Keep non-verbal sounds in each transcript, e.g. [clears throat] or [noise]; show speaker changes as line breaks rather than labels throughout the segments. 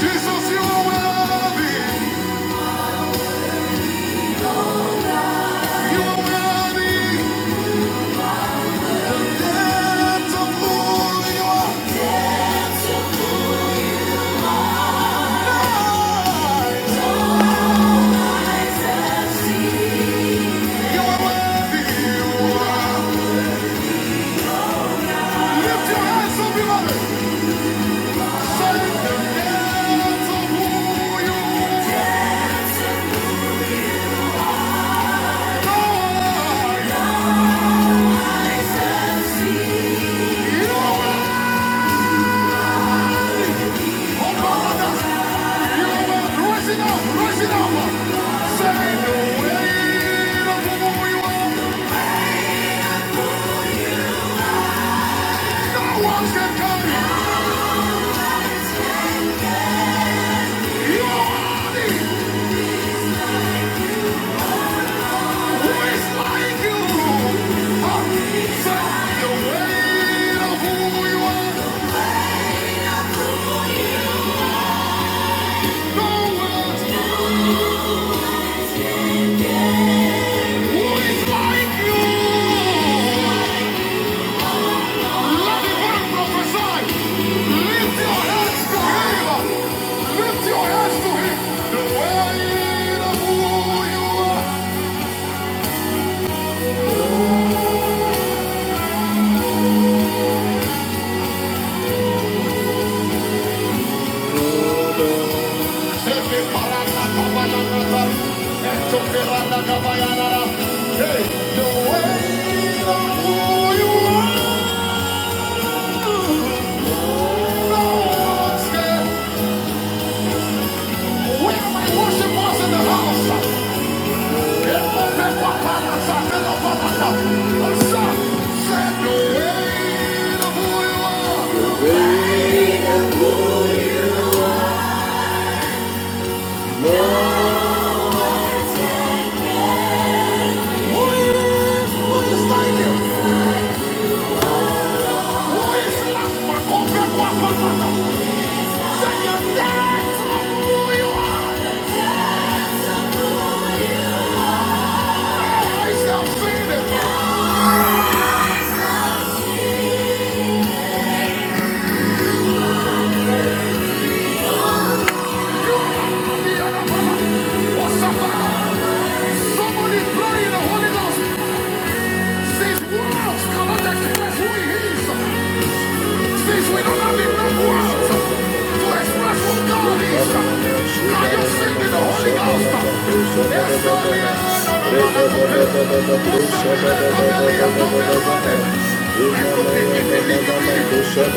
Jesus, you are worthy. You are worthy. That's a fool. You are. You are worthy. You are. Lift your hands up, beloved. Say, "Dance of who you are." You are Okanada. You are rising up, rising up. Say, "The weight of who you are, no one can carry. You are the who is like you." Ah, "The weight of who you are, no one who is like you." Everybody prophesy. Lift your hands to him. Lift your hands to him. The weight of who you are. Sebe paranakabanakabar. Etoperanakabayanara. Hey, the weight of who you are. No one scared. We have a worship us in the house. Somebody bloody in the Holy Ghost says, Wow, come on, that can that's who he is. Since we do not live the world, to express what God is, I am singing the Holy Ghost. There's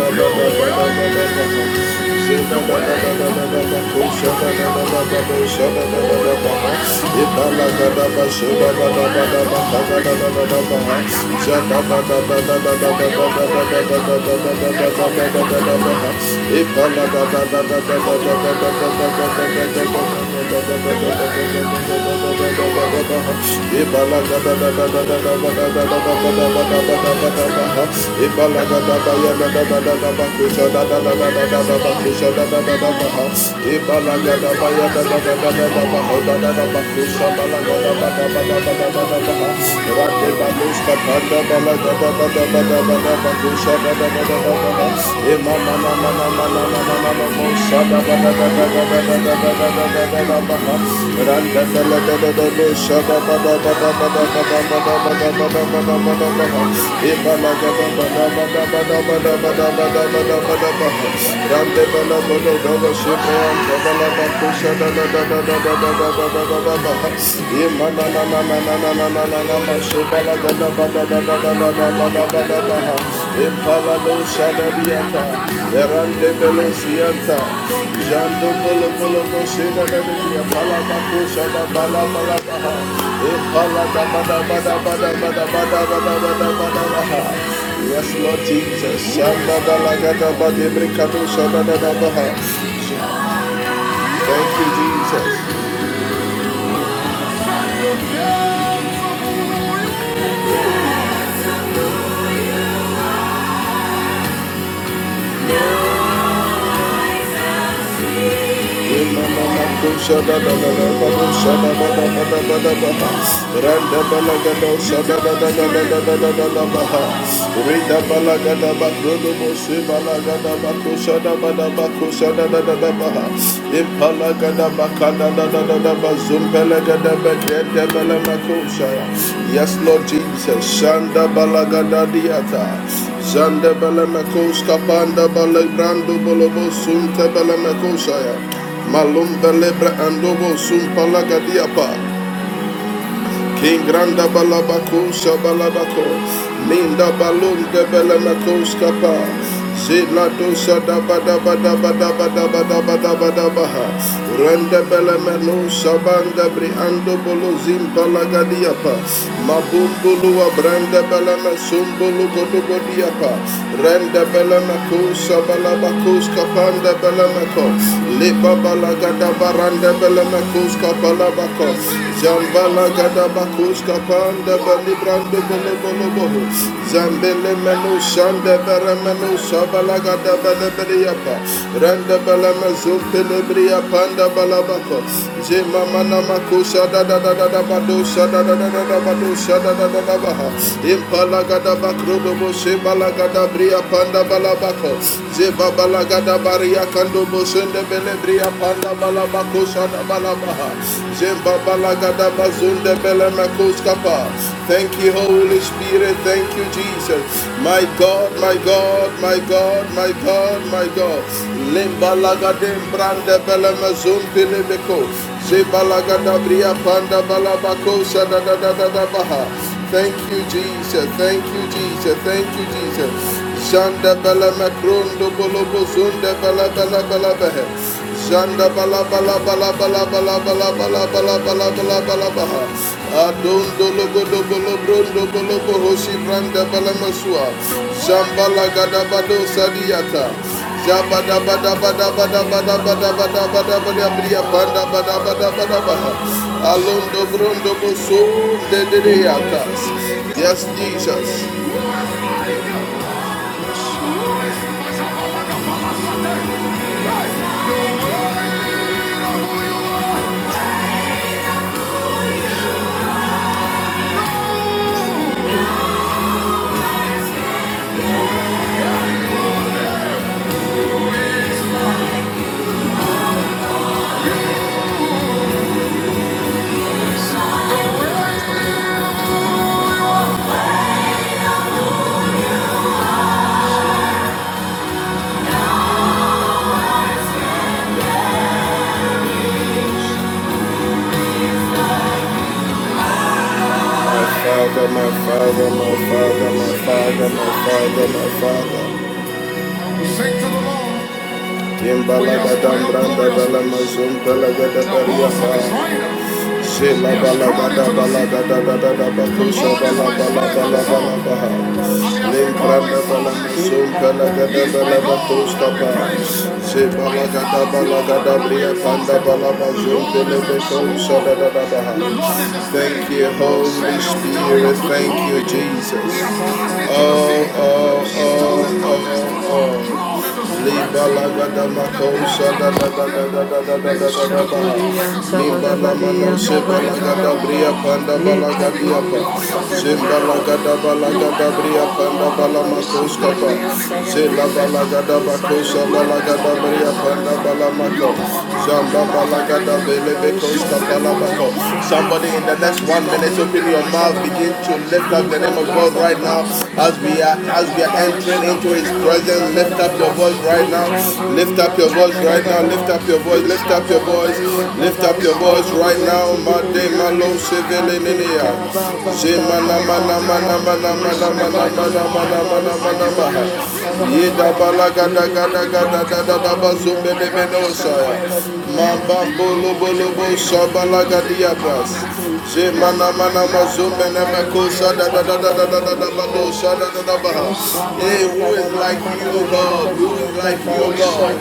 no living Thank you. Ibala Imana Yes, Lord Jesus. Shanda da la gada ba de brikado shanda da da ba ha. Thank you, Jesus. Yes, Lord Jesus. Shanda balagada diata. Zanda bala mekos kapanda bala bolobo sunta bala Malumba lebra andobo sumpala gadiapa. King Granda Balabakusha Balabako Shabalabako Linda Balum de Belemako Skapa Zila Dosa Daba Daba Daba Daba Daba Daba Daba Daba Rende Belemeno Shabanda Briando Bolo Zimpalagadiapa Mabumbulua Branda Belema Sumbulu Godobodiapa Rende balabakus kapanda Skapanda Belemako Lipa Balagada Baranda Belemako Bakus Kapalabako, Zambala Gadabakus Kapanda Balibrando Bolobolobo, Zambele Menu Shanda Baramanu Sabalaga Dabalabriapa, Randa Balamazu Pelebria Panda Balabako, Zema Manamakusha Dada Dada Badusha Dada Dada Badusha Dada Dada Baha, Impala Gadabakrodo Boshe Balagada Bria Panda Balabako, Zeba Balagada Baria Kando Koshende Belebria Panda Balaba Koshana Balabaha Balagada Bazunde Belemakoskapa. Thank you, Holy Spirit. Thank you, Jesus. My God, my God, my God, my God, my God. Limba Lagadim Brande Belemazum Bilibeko. Zebalagada Bria Panda Balabako Shada da da da da Baha. Thank you, Jesus. Thank you, Jesus. Thank you, Jesus. Janda bala makrondo bolo bozunda bala bala bala bahe. Janda bala bala bala bala bala bala bala bala bala bala bala baha. Adondo logo do bolo brondo bolo bohoshi branda bala masua. Jambala gada bado sadiata. Jabada bada bada bada bada
Thank you.
bada bada bada bada bria banda bada bada bada baha. Alondo brondo boso de de de atas. Yes, Jesus.
Usha Baba Badiyan Baba Saburiyan Sibiribiribiri Ikabada Baba
My father, my father, my father, my father, my
Shabodian
father,
Sabada
my
Bada Bada
father.
Bada
Sing to the Lord.
Ikaba da da da da da
Imbalagadam
da da
branda
ba
balamazum
ushiriyan
balagada
taba da
bariafa.
ba da ba da yan da ba
Zela balagada
ushaburiyan
balagada da da da bakusha
ikaburiyan
bala
taba da
bala
ba da
bala
ba da
bala
ba da
baha.
yan da ba ushada da da da
Limpranda
da
balamazum
ikaba
balagada
da
bala
ba ba da
bakusta
yan
ba.
da ba ushada
Ze
da da da da
balagada balagada bria
ikaburiyan
panda
taba da ba da
balabazum
yan da ba
belebekusha da da
ushibiriyan
da baha.
ikaba da
Thank
yan
you,
da ba
Holy
ushaburiyan
Spirit. Thank you,
tibiribiri
Jesus.
ikaba da
Oh,
yan da ba
oh, oh,
ushaburiyan
oh,
taba da
oh.
Amen.
Somebody in the next one minute, open your mouth house, begin to lift up the name
Eba
of
ba
God
ba
right
ba
now
ba
as
ba
we
ba
are
di
as we
anda
are
ba
entering
usha
into his
buri
presence.
anta ba
Lift
da
up
ba
your
da.
voice right now.
Eka
Lift
buri
up your
anta
voice
ba da
right
ba
now.
da
Lift
ba.
up your voice. Lift
Isha
up your
ba da ba
voice.
di anda
Lift
ba
up your
uska
voice
buri
right now.
ante bi de bi
Made
de bi
malo
de.
sevele
Ande
nenea.
ka ba ba ba
Zemana
ba ba
mana mana
ba.
mana mana
Isha
mana
da di
mana mana
anda ba
mana
uska
mana maha.
buri anta ba da ba
Yeda
da.
balaga da
Ege
ga
bi
da ga
di
da da
anta ba
da
da
da
ba
ba
di
zumbe
anda
de
ba
beno
usha ba
saya.
da ba di anda.
Mamba bolo
Ege bi
bolo
de de
bo
de de de de de
sabalaga
de de de de de
diabas.
de.
Zemana mana
Ande
mazumbe
kata
ne
badodiyan
da da da da
sabara
da da
bara
da da
badiyam.
badosa da da da baha.
Usha
Hey,
bara la
who is
da da
like
da da
you,
da
O
da da da
God?
da
Who is like
diyanda
you,
ba
O God?
usha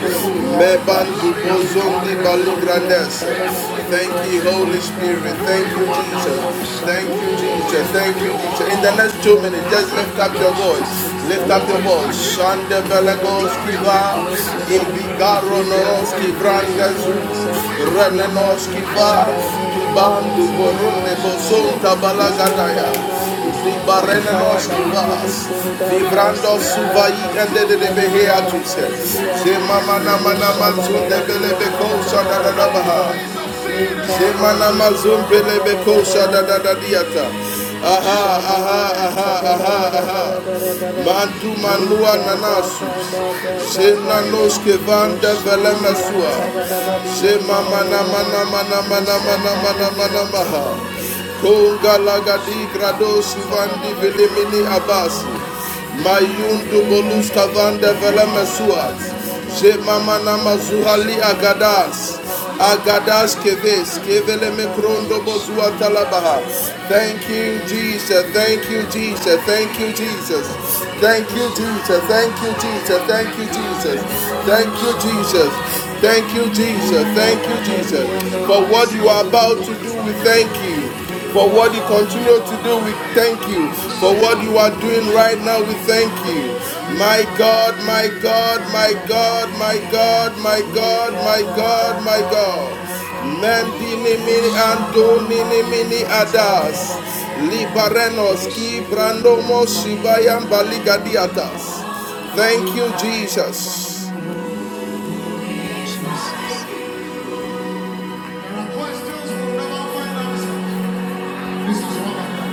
Meban
buriyanda. Ye
dubozondi
kabo
bali
dodiyan
grandes.
sabana
Thank
badiya.
you, Holy
Ye
Spirit.
bana
Thank you,
meliyanda
Jesus.
ba usha
Thank you, Jesus.
sabara
Thank you,
bara.
Jesus. In the next
In
two
the
minutes, just
mighty
lift up
name
your
of
voice.
Jesus,
Lift
Daddy,
up your
thank
voice.
you.
Shande
Jehovah,
belagos
thank you.
kiva.
Bless your holy name. We
Ibigaro
give you
noros
honor. We give you
Mm-hmm.
praise.
kivrangas.
Uh, Be
Renenos Kiva,
magnified thy name in the
Kibandu
mighty name
Borunde
of Jesus.
Bozunta
It's not
Balagadaya,
by mind, it's not by power,
Libarenenos
by your Holy
Kivas,
Spirit that we are
Librando
so
Suvai
alive.
and the
Mighty Lord
Beheatus,
Almighty, we are
Semamana
grateful. Ye
Manamansun de
shabadada ye
Belebe
and dabada
Kosa da da
bada
da
bada
Baha.
ye. Ye kabo
Shemana
di di and
mazumbele
dabada bada
bekosha da
bada
da da
bada.
diata.
O
Aha, aha,
shabodi and
aha,
sabada
aha,
bada
aha.
bada bada bada.
Mandu
Ye
manua
kaba ba
nanasus.
ba ba ba ba
Shenanos
ba. O
kevanda
shibidi and
velemesua.
sabada badi and da
Shemamana mana mana
O
mana mana mana mana
sakabodi
mana
and sabada
maha.
and Ye
Kongalagadi grado suvandi velemini abasi. Mayundu boluska vande veleme suat. Je mamana mazuhali agadas. Agadas keves kevele mekrondo bozua talabaha. Thank you Jesus. Thank you Jesus. Thank you Jesus. Thank you Jesus. Thank you Jesus. Thank you Jesus. Thank you, Jesus. Thank you, Jesus.
Ita
Thank you,
bada
Jesus.
di anda
For what
baus
you are
kabu
about
di
to do, we
anta
thank
bada.
you. For
Eva
what you
da da
continue to
da
do,
da
we
da.
thank you. For what
Osiri
you are
di
doing
anta
right now,
bada
we
la di
thank
ya.
you. My
Ima
God,
kari di
my God,
anta
my
bada la
God,
di
my
anda da.
God, my God, my
Ika
God,
bada
my
da da
God.
da da da.
Mendini mini ando
Osaba
nini
kari di
mini
anta bada
adas.
la di da
Libarenos ki
Osiri di
brando mo
anta bada la
shibayam
di anda bada
baligadiatas.
bada.
Thank you,
Ika bada da
Jesus.
da da. In the name of Jesus.
Oh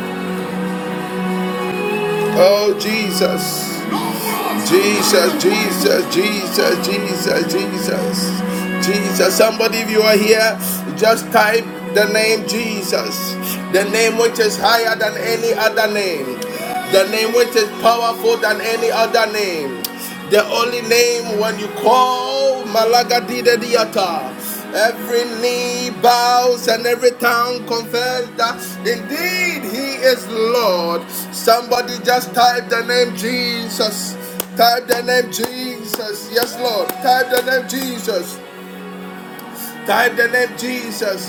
Jesus, Jesus, Jesus, Jesus, Jesus, Jesus, Jesus. Somebody, if you are here, just type the name Jesus, the name which is higher than any other name, the name which is powerful than any other name. The only name when you call Malagadida Diata. Every knee bows and every tongue confess that indeed He is Lord. Somebody just type the name Jesus. Type the name Jesus. Yes, Lord. Type the name Jesus. Type the name of Jesus.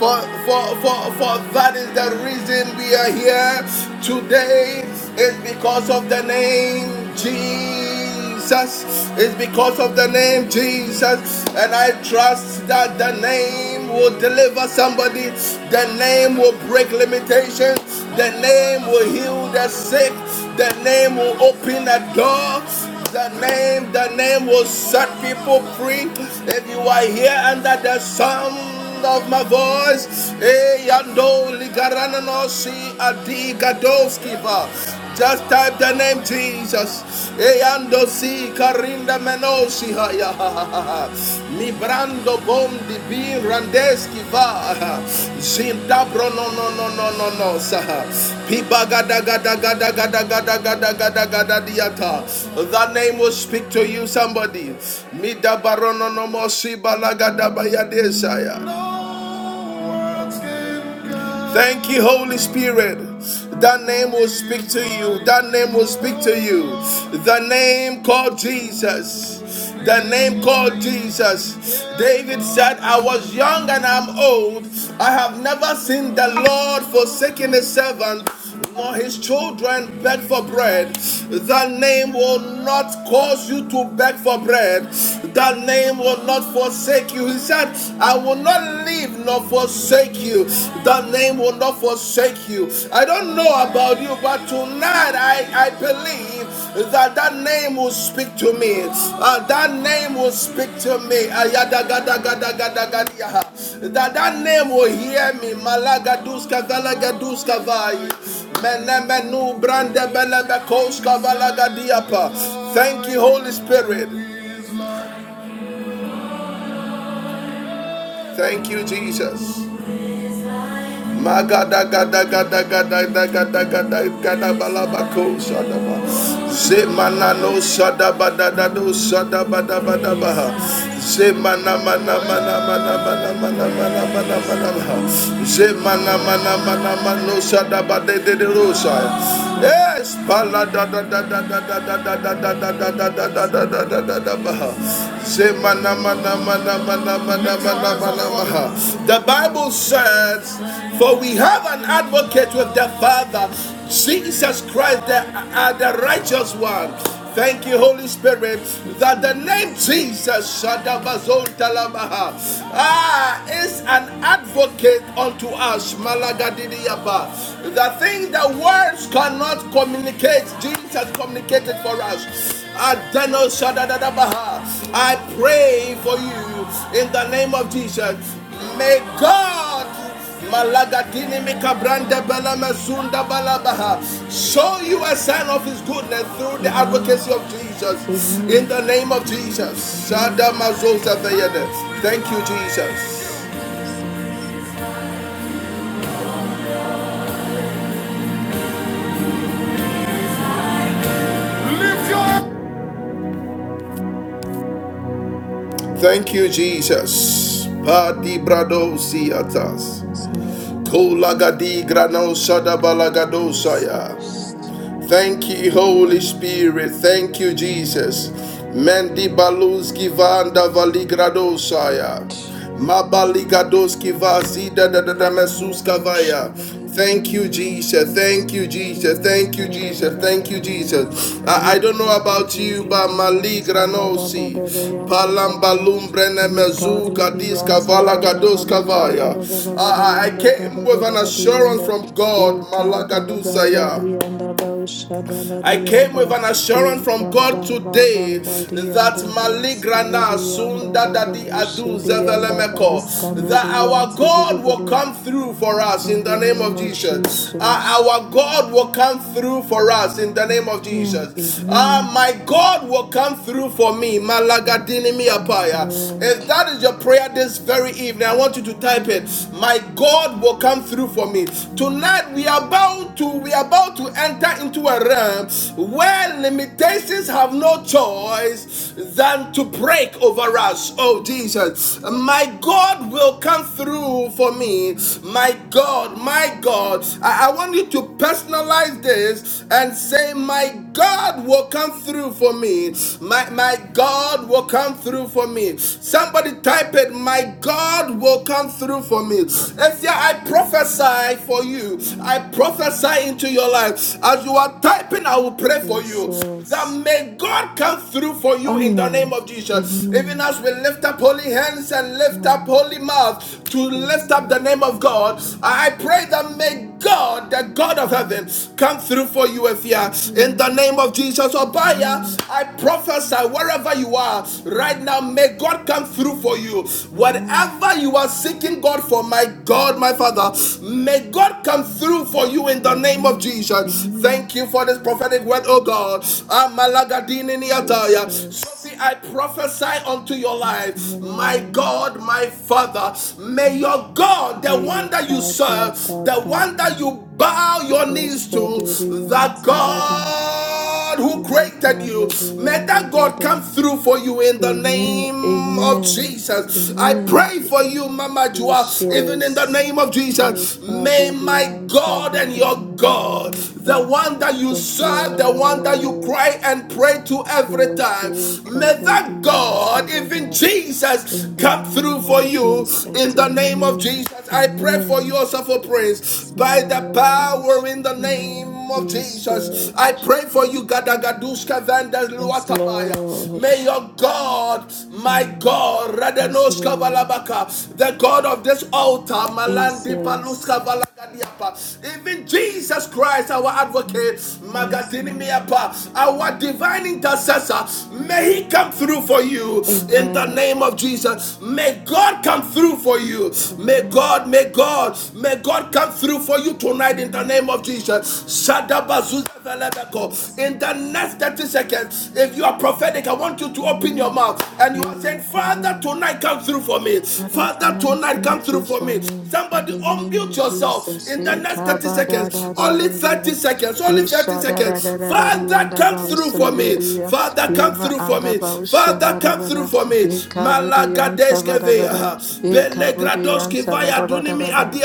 For, for, for, for that is the reason we are here today. It's because of the name Jesus. It's because of the name Jesus. And I trust that the name will deliver somebody. The name will break limitations. The name will heal the sick. The name will open a door. The name, the name will set people free. If you are here under the sound of my voice, eh, yando ligarano si adi gadoskiva. Just type the name Jesus. Eh, yando si karinda menosi ha ya ha ha ha. Rando bom di bin randeski va. Zinda no no no no no no sa. Piba That name will speak to you somebody. Mida barono no no, mo si Thank you, Holy Spirit. That name will speak to you. That name will speak to you. The name called Jesus. The name called Jesus. David said, I was young and I'm old. I have never seen the Lord forsaking his servant nor his children beg for bread. That name will not cause you to beg for bread. That name will not forsake you. He said, I will not leave nor forsake you. That name will not forsake you. I don't know about you, but tonight I, I believe that that name will speak to me. Uh, that name will speak to me. That that name will hear me. Malagaduskavalagaduscavai. Thank you, Holy Spirit. Thank you, Jesus. Magada gada gada gada gada gada gada balabako sadaba zemanano sadaba dadado sadaba dadaba
Jesus,
zemana mana mana mana mana mana mana mana mana
Jesus,
zemana mana mana mano sadaba dederosa
Jesus,
yes balada dadada dadada dadada dadada dadada
Son,
dadada Semanamanamanamanamanamanamanamaha.
Jesus,
The Bible says, For we have an advocate with the Father, Jesus Christ, the, uh, the righteous one. Thank you, Holy Spirit,
thank
that the name Jesus Shadabazontalamaha, ah, is an advocate unto us. Malagadidiyapa. The thing that words cannot communicate, Jesus communicated for us. Adeno Shadadadabaha. I pray for you in the name
Jesus,
of Jesus.
Jesus.
May God Malagadini Mikabrande Bala Mazunda Balabaha show you a sign of his goodness through the
Amen,
advocacy of Jesus. In
amen,
the name of Jesus. Shada
amen,
Mazosa Veyede. Thank you, Jesus.
Jesus,
Thank you, Jesus. Padi Brado Siatas.
yes, Lord,
Kolagadi Grano Shada Balagadosaya.
Jesus,
Thank you, Holy Spirit. Thank you, Jesus. Mendi baluzki vanda
yes, Lord.
valigradosaya. Mabaligadoski
Ikaba
vazida da
baba
da da
bari
mesuska vaya. Thank you, Jesus. Thank you, Jesus. Thank you, Jesus. Thank you, Jesus. I, I don't know about you, but maligranosi. Palambalumbrene mezuka diska valagadoska vaya. I, I I came with an assurance from God, malagadusaya.
da about
I came
Shadalarianda
with an assurance
in
from
the
God today that Maligrana Sunda Dadi Adu Zevelemeko, that our God will come through for us in the name
name
of
of
Jesus. Uh,
Jesus.
our God will come through for us in the name of
Amen.
Jesus. Ah,
Amen.
my God will come through for me. Malagadini
Yes,
miapaya.
Lord.
If that is your prayer this very evening, I want you to type it. My God will come through for me.
Mm,
Tonight we are about about to we are about to enter into a realm where limitations have no choice than to break over us. Oh Jesus, my God will come through for me. My God, my God, I, I want you to personalize this and say, my God will come through for me. My my God will come through for me. Somebody type it, my God will come through for me. If you I prophesy for you. I
mm,
prophesy into your life. As you are typing, I will pray for you. That
Jesus.
may God come through for you in the name
Amen.
of Jesus. Even
Amen.
as we lift up holy hands and lift up
Mm,
holy mouth to lift up the
Jesus.
name of God, I pray that may God, the God of heaven,
Amen.
come through for you, if Efia. In
Amen.
the name of Jesus,
Amen.
Obaya, I prophesy wherever you are right now, may God come through for you. Whatever
Amen.
wherever you are seeking God for, my God, my Father, may God come through for you in the name of
Amen.
Jesus.
Amen.
Thank you for this prophetic word, oh God. Amalagadini niataya.
Jesus.
Sophie, I prophesy unto your
Yes,
life, my
Lord.
God, my Father, may your God, the
We
one that you
cover
serve, the
Baba
one that
Bing.
you bow your knees to, the
Sadurians, Lord.
God who created you, may that God come through for you in the the
Amen.
name of
Amen.
Jesus. I
Amen.
pray for you, Mama
We
Joa,
shall
even in the name of
we
Jesus. May
cover the
my
answer,
God and
Baba
your
Baba
God, the
Baba.
one that you
Yes,
serve, the one that you
Lord.
cry and pray to
We
every
shall
time,
see
may
cover
that
the answer,
God, even
Baba.
Jesus,
In the
come through
name
for
of
you
Jesus,
in the name of
Amen.
Jesus. I pray for you
Amen.
also for praise by the
Lord,
power in the name
mm,
name of Jesus. I
Jesus,
pray for you, Gadagaduska Vandas
yes,
Luatabaya.
Lord,
May your God, my
Mm,
God,
yes,
Radenoska
Lord,
Valabaka, the God of this altar, Malandi
Jesus,
Paluska Valagadiapa, even Jesus Christ, our
Mm,
advocate,
yes,
Magadini
Lord,
Miapa, our divine intercessor,
Mm,
may he come through for you in the
Amen,
name of Jesus. May God come through for you. May
Amen,
God, may God, may God come through for you tonight tonight in the
Amen,
name of Jesus. In the
Jesus,
next 30 seconds, if you are prophetic, I want you to open your
Amen,
mouth and you are saying, Father,
Hey,
tonight come through for me.
Father,
Father,
tonight,
tonight come
thank
through
you
for
for
me.
me. In
Somebody
the name
unmute
of
yourself
Jesus.
in the
Eh,
next 30
kaba da
seconds.
da da da da
Only 30
da.
seconds. Only 30
Isha da da
seconds.
da da da da.
Father,
Yanda
come
ba
through for me. Father,
Eh,
come through
shadadadadadadada,
for me.
ba usha ba
Father,
da
come
ba
through
baushabadabada.
for me. Malagadeske veya.
Eh, kabudia, ba Eh, kabudia,
Belegradoske vaya dunimi adi
sabadabadabada.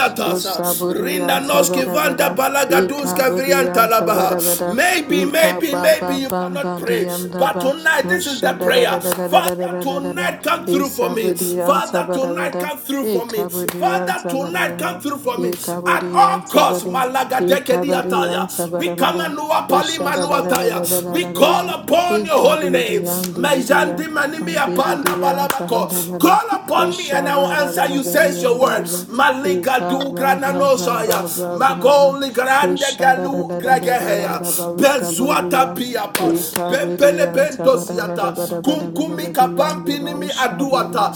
Rinda
Usabudia,
Noski Vanda
sabadabada. Eh,
Balagadunska
kabudia,
Vrianta Labaha.
sabadabada.
Maybe,
Eh, da
maybe, maybe you cannot pray, but tonight this is the prayer. Father,
Ushadadadadadadadadadada.
tonight come through for me.
Isabodian
Father, tonight
Sabadavada,
come through for me.
Ekabodian
Father, tonight come
Sabadavada,
through for me.
Lord
At
Ekabodian
all costs,
Sabada,
Malagadeke
Ekabadian
Diataya. We come
Sabadavada,
and Pali Manuataya. We call
Ushadadadadadadadadada,
upon your holy name.
Ekabodian
Mejandi
Dividia,
Manimi
and
Apanda
Dividian
Balabako.
Sabadavada,
Call upon me and I will answer you sends
Ushabadavadavadian
your word.
Dadada,
Malika du grananosaya.
Ekababababababa,
Magoli grande galu
Ushadadadadadadian
gregeheya.
Babauskabudia,
Benzuata piapa. Bempele
Yekabiriyan sabara bara
bentosiata.
bara bara bara
Kumkumi
bariyan
kabampinimi
babausha
aduata.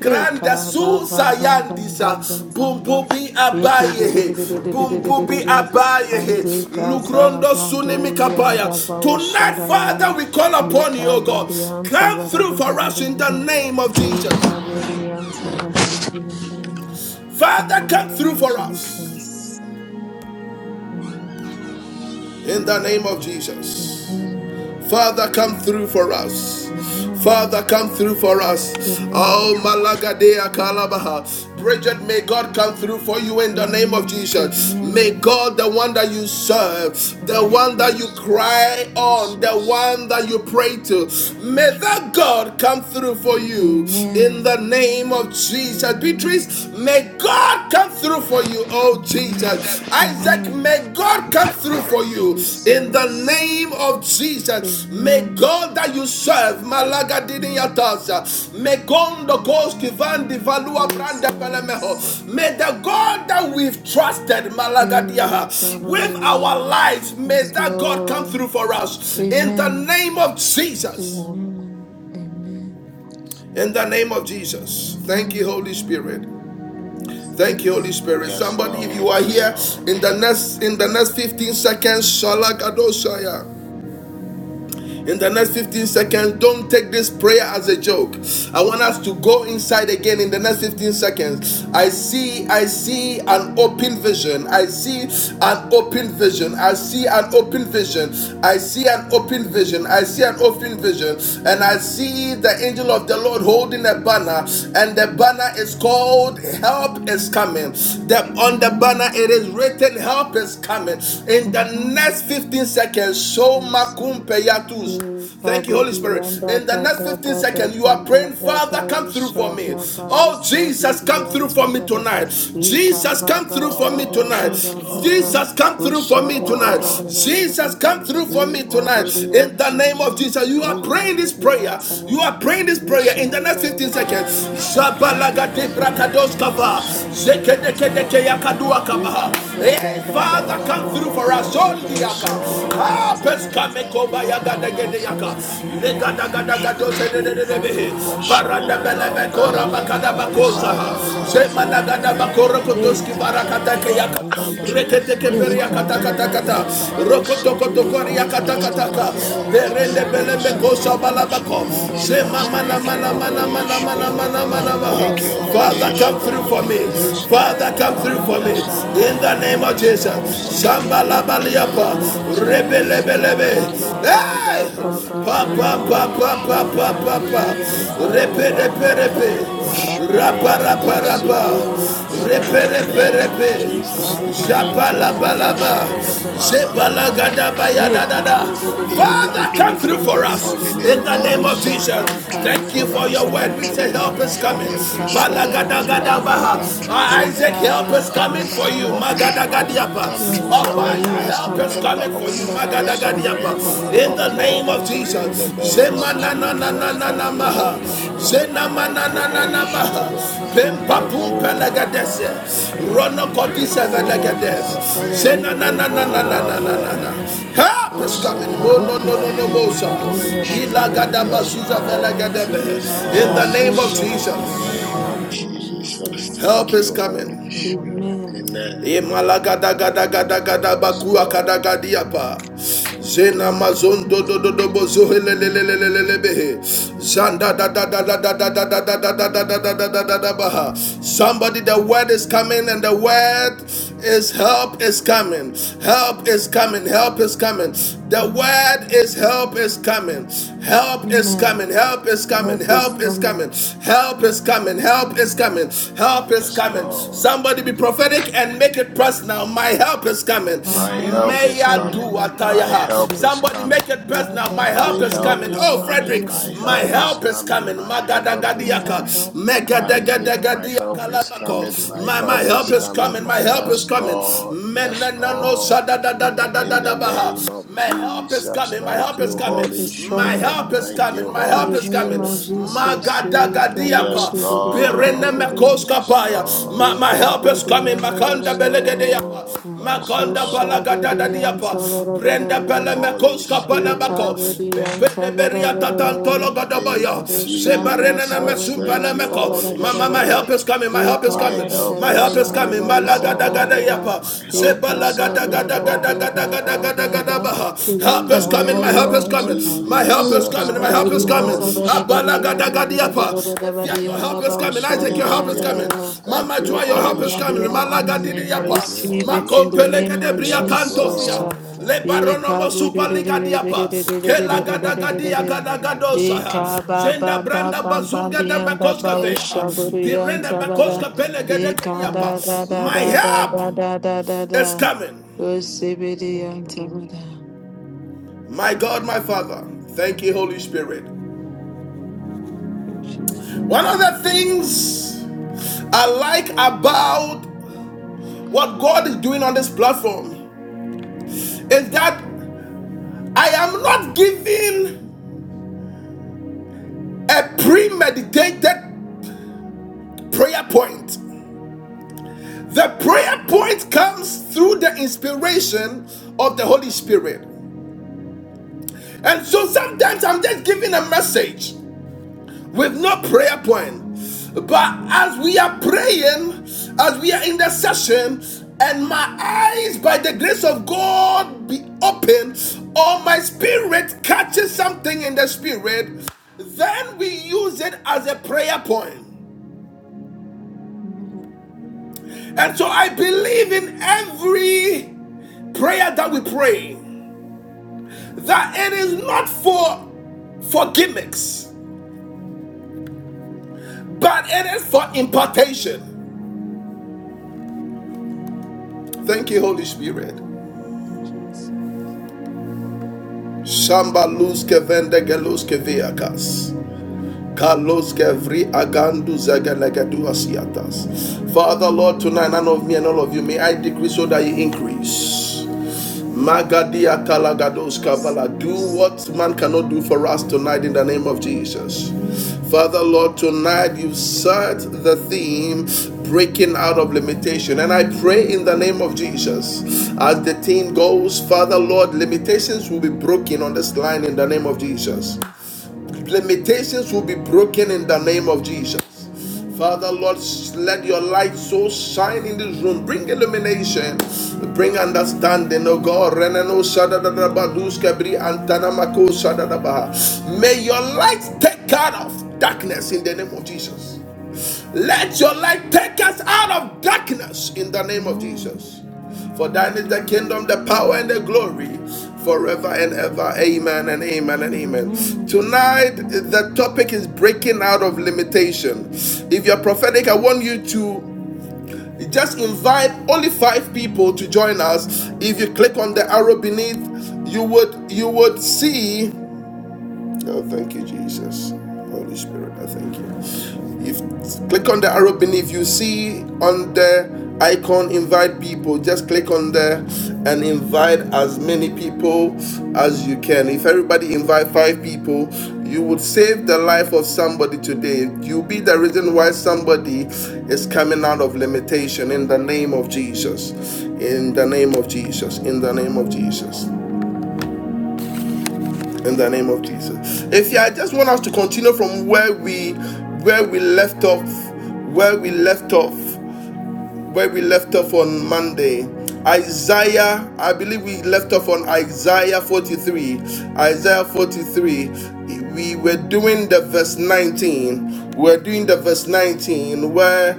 Eka ba bam bam bam bam
susayandisa.
bam bam bam.
Bumbubi
Yete de de de
abayehe.
de de de de de de de
Bumbubi
de de.
abayehe.
Ande kasa
Lukrondo sunimi
bando yan
kapaya.
babausha
Tonight, Father,
darara.
we call upon you, O God.
Yekabiriyan
Come
sabara
through
bara
for us
bara
in the
bara.
name of Jesus.
Yekabiriyan sabara bara bara bara. In the
Father, come through
name of
for us
Jesus. Amen.
in the name of Jesus.
Amen.
Father, come through for us. Father,
Amen.
come through for us.
Amen.
Oh, Malagadea Kalabaha. Bridget,
Amen.
may God come through for you in the name of
Amen.
Jesus. May
Amen.
God, the one that you serve, the one that you
Jesus.
cry on, the
Jesus.
one that you pray to, may
Amen.
that God come through for you in the
Amen.
name of Jesus.
Amen.
Beatrice,
is
may
Lord.
God come through for you, oh
Amen.
Jesus. Isaac,
Amen.
may God come through for you in the
Jesus.
name of Jesus. May
Amen.
God that you serve, Malaga
Amen.
Diniatasa, may God Gondo Goski Van Divalua Branda
Jesus.
Pelemeho, may the God that we've trusted, Malaga
Amen.
Diaha, with
Jesus, Jesus,
our
God.
lives, may
Yes,
that God come through
Lord.
for us in
Jesus,
the
Amen.
name of
yes,
Jesus.
Lord,
Amen. Amen.
yes,
In the name of Jesus. Thank you,
Amen.
Holy Spirit. Thank you, Holy
Jesus.
Spirit.
Yes,
Somebody,
Lord.
if you are
Yes,
here
Lord.
in the next in the next 15 seconds, Shalagadoshaya. In the next 15 seconds, don't take this prayer as a joke. I want us to go inside again in the next 15 seconds. I see, I see an open vision. I
Lord,
see an open vision. I see an open vision. I see an open vision. I see an open vision. And I see the angel of the Lord holding a banner. And the banner is called Help is Coming. The, on the
Jesus,
Amen.
banner, it is
Jesus.
written, Help is Coming. In the
Amen.
next 15 seconds, fifteen seconds, so
Yes,
makumpe
yes. Ye
Thank you, Holy
kabudi
Spirit.
yanda
In the
ba
next
da
15
da da
seconds, you
da
are
da
praying,
da ba
Father, come through for
usha
me.
da ba
Oh,
usha
Jesus,
budi
come through for
yanda
me
ba da.
tonight.
Ye
Jesus,
kaba
come through
ba
for
ba
me
ba
Lord.
ba
tonight.
Yes,
ba
Mm-hmm.
ba
mm
Lord.
ba.
mm.
Jesus, come through
Yes,
for
Usha
me
da da
tonight.
da da
Lord.
da da da da.
Jesus, come
In the
through for
Ye
me
name of
tonight.
kabudi
In the
yanda ba
name
Jesus,
da.
of
thank
Jesus, you
you,
are
Ye
Lord.
praying this
kabudi
prayer.
yanda ba
You are
da.
praying this
Ye
prayer
sha
in the
da da
next
da
15
da da da
seconds.
da.
Shatori
Sandu
Zabalagate
Visia
brakados
yanda
Mansaya
ba
kava.
usha budi
Bakarandaya
yanda
Zekedeke
da
deke
Basuri
da da
Bibi
yakadua
Ikaba
kabaha. Eh,
Aruandaya
Father, come
Basuri
through for us.
Lord,
all the
Bakasantaya
yes,
Ondiaka.
Mandibri
Ah,
Lord,
Visia
in the
Mama
peskame
name
koba
of
yaga degede yaka.
Rapapaya
Jesus, thank you,
Manduri
Lega daga
Holy
Visi
daga
Spirit.
Vinti
dose de de de de behe.
Bikisiti
The
Baranda
Mandayaba
Spirit
belebe
of the
kora
Living
Ruko
bakada
God,
Sotoyu
bakosa ha.
Father,
Mandibri
come
Zema
Visia
true
daga
for
daga
me,
Mantaya
O
kora kotoski
Lord.
Bandibri
barakata ke yaka.
Father, come
Aruanda ya
true
Rekete
for
ke
my
basia
beri
mantaya
yakata
family, O
kata kata.
Lord.
mandibriebe.
Father,
Rokoto
come
koto
true
kori
for my
Japanda
yakata
ya
kata
destiny,
ka.
O
basia
Lord.
mantaya
Berende
In the
belebe
mandoriebe.
kosa
name of
balabako.
Karanda
Zema
ya
Jesus,
baba
mana
thank
mana
you,
baba.
mana
Holy
mana mana
Spirit.
mana mana
Haruanda
mana.
Thank
ya
you,
Father,
Holy
basuri
come through
besia
Spirit.
for me.
mantaya ma.
Yes,
Father, come
Lord.
through victory for me.
Yes,
Rapandori
In the
Lord.
besia
name of
Yes,
mantaya
Jesus.
Lord.
mandibriebe.
In the name of
Shambalabaliapa.
Shandori ya basanta
Jesus,
ya
Rebelebelebe.
thank you,
mama.
Holy
Hey!
Come
Spirit.
through
Pa
from you,
pa
God.
pa
Rebo
pa pa pa
Ambara.
Shete
Eka
pa pa.
busuri ya
buriyan sabara
Repe
bakampaya
repe
mama.
yandara
Rebo
repe.
your
yandara
spirit
Rapa
Rapapaya
of
rapa
the
mandori
living
ya
rapa.
God,
Oshibiri and
basonto ya
in
Sabara
Repe
the
repe
mandibriebe.
name
Vadada,
of
repe.
Jesus.
Rapa
Isabudi and
hua
Thank you,
Shapala
Sabara
Holy
kasanta ya
balaba.
Vadada,
Spirit,
mandori
Vadada,
Father,
besi ya
O
Zebala
manta
Lord.
gadabaya da
Come
da
mandibribe.
Baba,
da.
true for me,
Ruko
come
Father, come
true
soto
through
for
ya
for
my
us
family, O
mandibribe.
in the name
Lord.
of
Shandori
Jesus.
be.
Come true
Thank you
for
for
us,
your
Shapandori
word.
come
be.
We say,
true
Help is
for
coming.
every
Rapandori ya.
soul on this
Shadora
platform,
Balagadagadabaha.
si
come true
Uh,
for
Isaac,
every
help is
member
coming for
Ruko
you.
or,
soto ya
[clears throat] or
mandibribe
Magadagadiapa.
come
si
true for
Abaya,
mama
every
help
mama.
is
member
coming
of
for you.
London
Come through
Prayer
Magadagadiapa.
for me,
In
Marathon, O
the
Almighty
Lord.
name
God.
of
In the
Jesus.
Come through
name
for me,
of
Almighty God.
Jesus, thank you,
Come through
Zemanananananamaha.
Holy
for me,
Spirit.
Almighty God.
Thank you, Holy Spirit.
Shandaya
Zenamanananamaha.
basori
Pempa
besi
pumpa
Rebo
mama mama.
lagades.
Wambara,
Rono
Rapandaya
kodisa
Rebo
Basuria
Wambara,
velagades.
Kasantaya
Say na na na
Mandibribe
na na
Rebo
na na na
Siamantaya
na
Wambara,
na.
Baba,
Manduribe
Help is coming.
Rebo
Mo no
Riki
no no
Wambara.
no mo
Oshabakabadian
City
sa.
Holy
Manduria Basia
Spirit,
Sabadabadianda.
Bilagada
Mantaya
yes,
Mama
bazuza
In the
Mama
Lord,
mighty
velagadabe.
name
yes,
of
In the
Lord.
name
Jesus,
of
Randuria
Shah.
In
Jesus.
the
Basia
in
name
the
Mantaya
of
name of
Mandibribe
Jesus,
Jesus.
Help
thank
is
you,
coming.
Holy
Thank you Lord
Spirit.
Amen.
Amen. Yes, Lord.
Imalagadagadagadagadabakuakadagadiapa.
Amen.
Zena mazondo do do do do bozo bozohelelelelelelelebehe. Zanda da da da da da da da da da da da da da da da da baha. Somebody, the word is coming, and the word is help is coming. Help is coming. Help is coming. The word is help is coming. Help is
Amen.
coming. Help is coming.
Help is
Help is coming.
coming.
Help is coming. Help help is coming. Help is
Yes,
coming.
Lord.
Somebody be prophetic and make it personal. My help is coming.
My
My
My
help
help
help
is
is
May
is
I do
coming
coming.
coming.
my
what
help
I
My
is
have.
help
coming
is
Somebody make
coming.
it
my
personal. My
help is
My
help is
coming
help
Daily,
coming.
my
is
Oh,
my
help is
coming.
Frederick,
help
My
coming
is
my
help
my help
coming.
is
help
is
is
coming.
coming.
coming
My help is
my
coming.
Mm,
Magadagadiaka.
help is coming my
Isaac,
help
my
Megadagadagadiaka.
is
help
coming
is
Labako.
coming.
mm, mm,
My
My, my
help
Shanduribi
is
help is
coming.
coming. My
Shapandaya
help
Ba
is
Yes,
mm.
coming.
Lord. Yes,
my
Menenano
Lord.
help is coming in the
In the
name of
name
sadadadadadadabaha.
of
My
Jesus.
help is
Jesus,
coming. My
thank
help
My
is
you,
coming.
help
Holy
is
My
Spirit.
coming.
help
Arandaya
is
Thank
coming.
you,
My
Masuri,
In
Holy
help
the
is coming.
name
Visia
Spirit.
of
Mantaya
Jesus.
Mandiri,
Yes,
Magadagadiapa. Birene
Lord.
Rapataya
Yes,
Masuri,
mekoskapaya. My, my
Amasia
help is
Mantaya
Lord.
coming.
Mama
Ushaburiyan da da
Mama,
da
Makanda
Yes,
da da da.
belegediapa.
Lord. Yes,
Marua
Makonda
Lord.
Kasantaya
balagadada
Ushaburiyan
diapa.
Mandiri.
sabara bara
Brenda bele
bara.
Holy
My
mekoskapana
help
Spirit,
is
bako.
coming, my
Kavadiyan
help is
Beberia
coming, my help
tatantolo
Sabarabara,
is coming,
name
godobaya.
my
of
help is coming.
Shaba
Zebarene na
Jesus.
mesumpele
Thank
Kavadiyan
you,
In
meko.
Holy
the
My, my, my
name
Spirit.
Sabarabara,
help is coming. My help is
My
coming.
help
My
of
help
is
Ekabarabara
is
and
coming.
coming, O
Jesus,
Abari
in the name of
Malagadagada
Lord.
Sabarabara,
Jesus,
yapa.
My help is
in
Zebalagada
coming,
the
O
name of Jesus,
Lord.
in the
Ekabababababababa,
name of Jesus, in the name
Gadagadagadagadagadabaha.
of Jesus.
In
Help
the
is coming, my
name
help is
of
coming,
Ekabariyan.
My
my
help
help
is
is
coming,
Jesus.
coming, my help
Thank
in
is
you,
the
Ekabariyan
coming.
name of
Holy
Jesus.
Spirit.
Sabarabariyan
Abalagadagadiapa.
My
Efia, your
help
Dabarabarabarayan
help
is
is coming.
coming, in
Isaac,
Holy
your
the
help is
name of
coming.
Spirit.
Dabaushadarabarabara.
Jesus.
Thank
Mama
you,
Joy, your help
Holy
My
is
help
coming.
is
Ekabariyan.
Spirit.
coming in the
Amen. I
name of
Thank
Malagadidiapa.
you,
receive
Jesus.
Holy
it in the
Spirit.
name of
My
Yes,
help is
Jesus.
Makompelegadebriakantosia.
coming
Lord.
in the name of
Jesus.
Lebaronomo
Amen.
Jesus.
superligadiapa.
Haru
gada
andayaba sori
gadagadosaha.
ebesiti
Zenda
amandayaba.
branda bazunga da makoska veha.
Shadori ebesi
Pirenda makoska
amantaya mandayama. Kori
pelegadiapa.
ebesi
My help
amantayama.
is coming.
Thank you, Lord.
My God, my Father, thank you, Holy Spirit. One of
Jesus. Jesus.
the things I like about what God is doing on this platform is that I am not giving a premeditated prayer point. The prayer point comes through the inspiration of the Holy Spirit. And so sometimes I'm just giving a message. with no prayer point. But as we are praying, as we are in the session, and my eyes, by the grace of God, be open, or my spirit catches something in the spirit, then we use it as a prayer point.
Amen.
And so I believe in every prayer that we pray that it is not for for gimmicks, but it is for impartation. Thank you, Holy Spirit. Shamba luz que vende geluz que viacas. Carlos Gevri Agandu Zagalegedu Asiatas. Father, Lord, tonight, none of me and all of you, may I decrease so that you increase. Magadia Kalagados Kavala. Do what man cannot do for us tonight in the name of Jesus.
Amen.
Father, Lord, tonight you set the theme breaking out of limitation. And I pray in the name of Jesus
Amen.
as the theme goes, Father, Lord, limitations will be broken on this line in the name of Jesus. Limitations will be broken in the name of Jesus. Father, Lord, let your light so shine in this room. Bring illumination. Bring understanding, oh God. May your light take care of darkness in the name of
Amen.
Jesus. Let your light take us out of darkness in the name of
Amen.
Jesus. For thine is the kingdom, the power, and the glory forever and ever. Amen and amen and amen.
Amen.
Tonight,
Amen.
the topic is breaking out of limitation. If you're prophetic, I want you to just invite only five people to join us. If you click on the arrow beneath, you would you would see Oh, thank you, Jesus. Holy Spirit, I thank you. If click on the arrow beneath, you see on the icon invite people. Just click on there and invite as many people as you can. If everybody invite five people, you would save the life of somebody today. You'll be the reason why somebody is coming out of limitation in the name of Jesus.
Amen.
In the name of Jesus. In the name of
Mm,
Jesus in the name of Jesus. If you I just want us to continue from where we where we left off, where we left off, where we left off on Monday. Isaiah, I believe we left off on Isaiah 43. Isaiah 43. We were doing the verse 19. We're doing the verse 19 where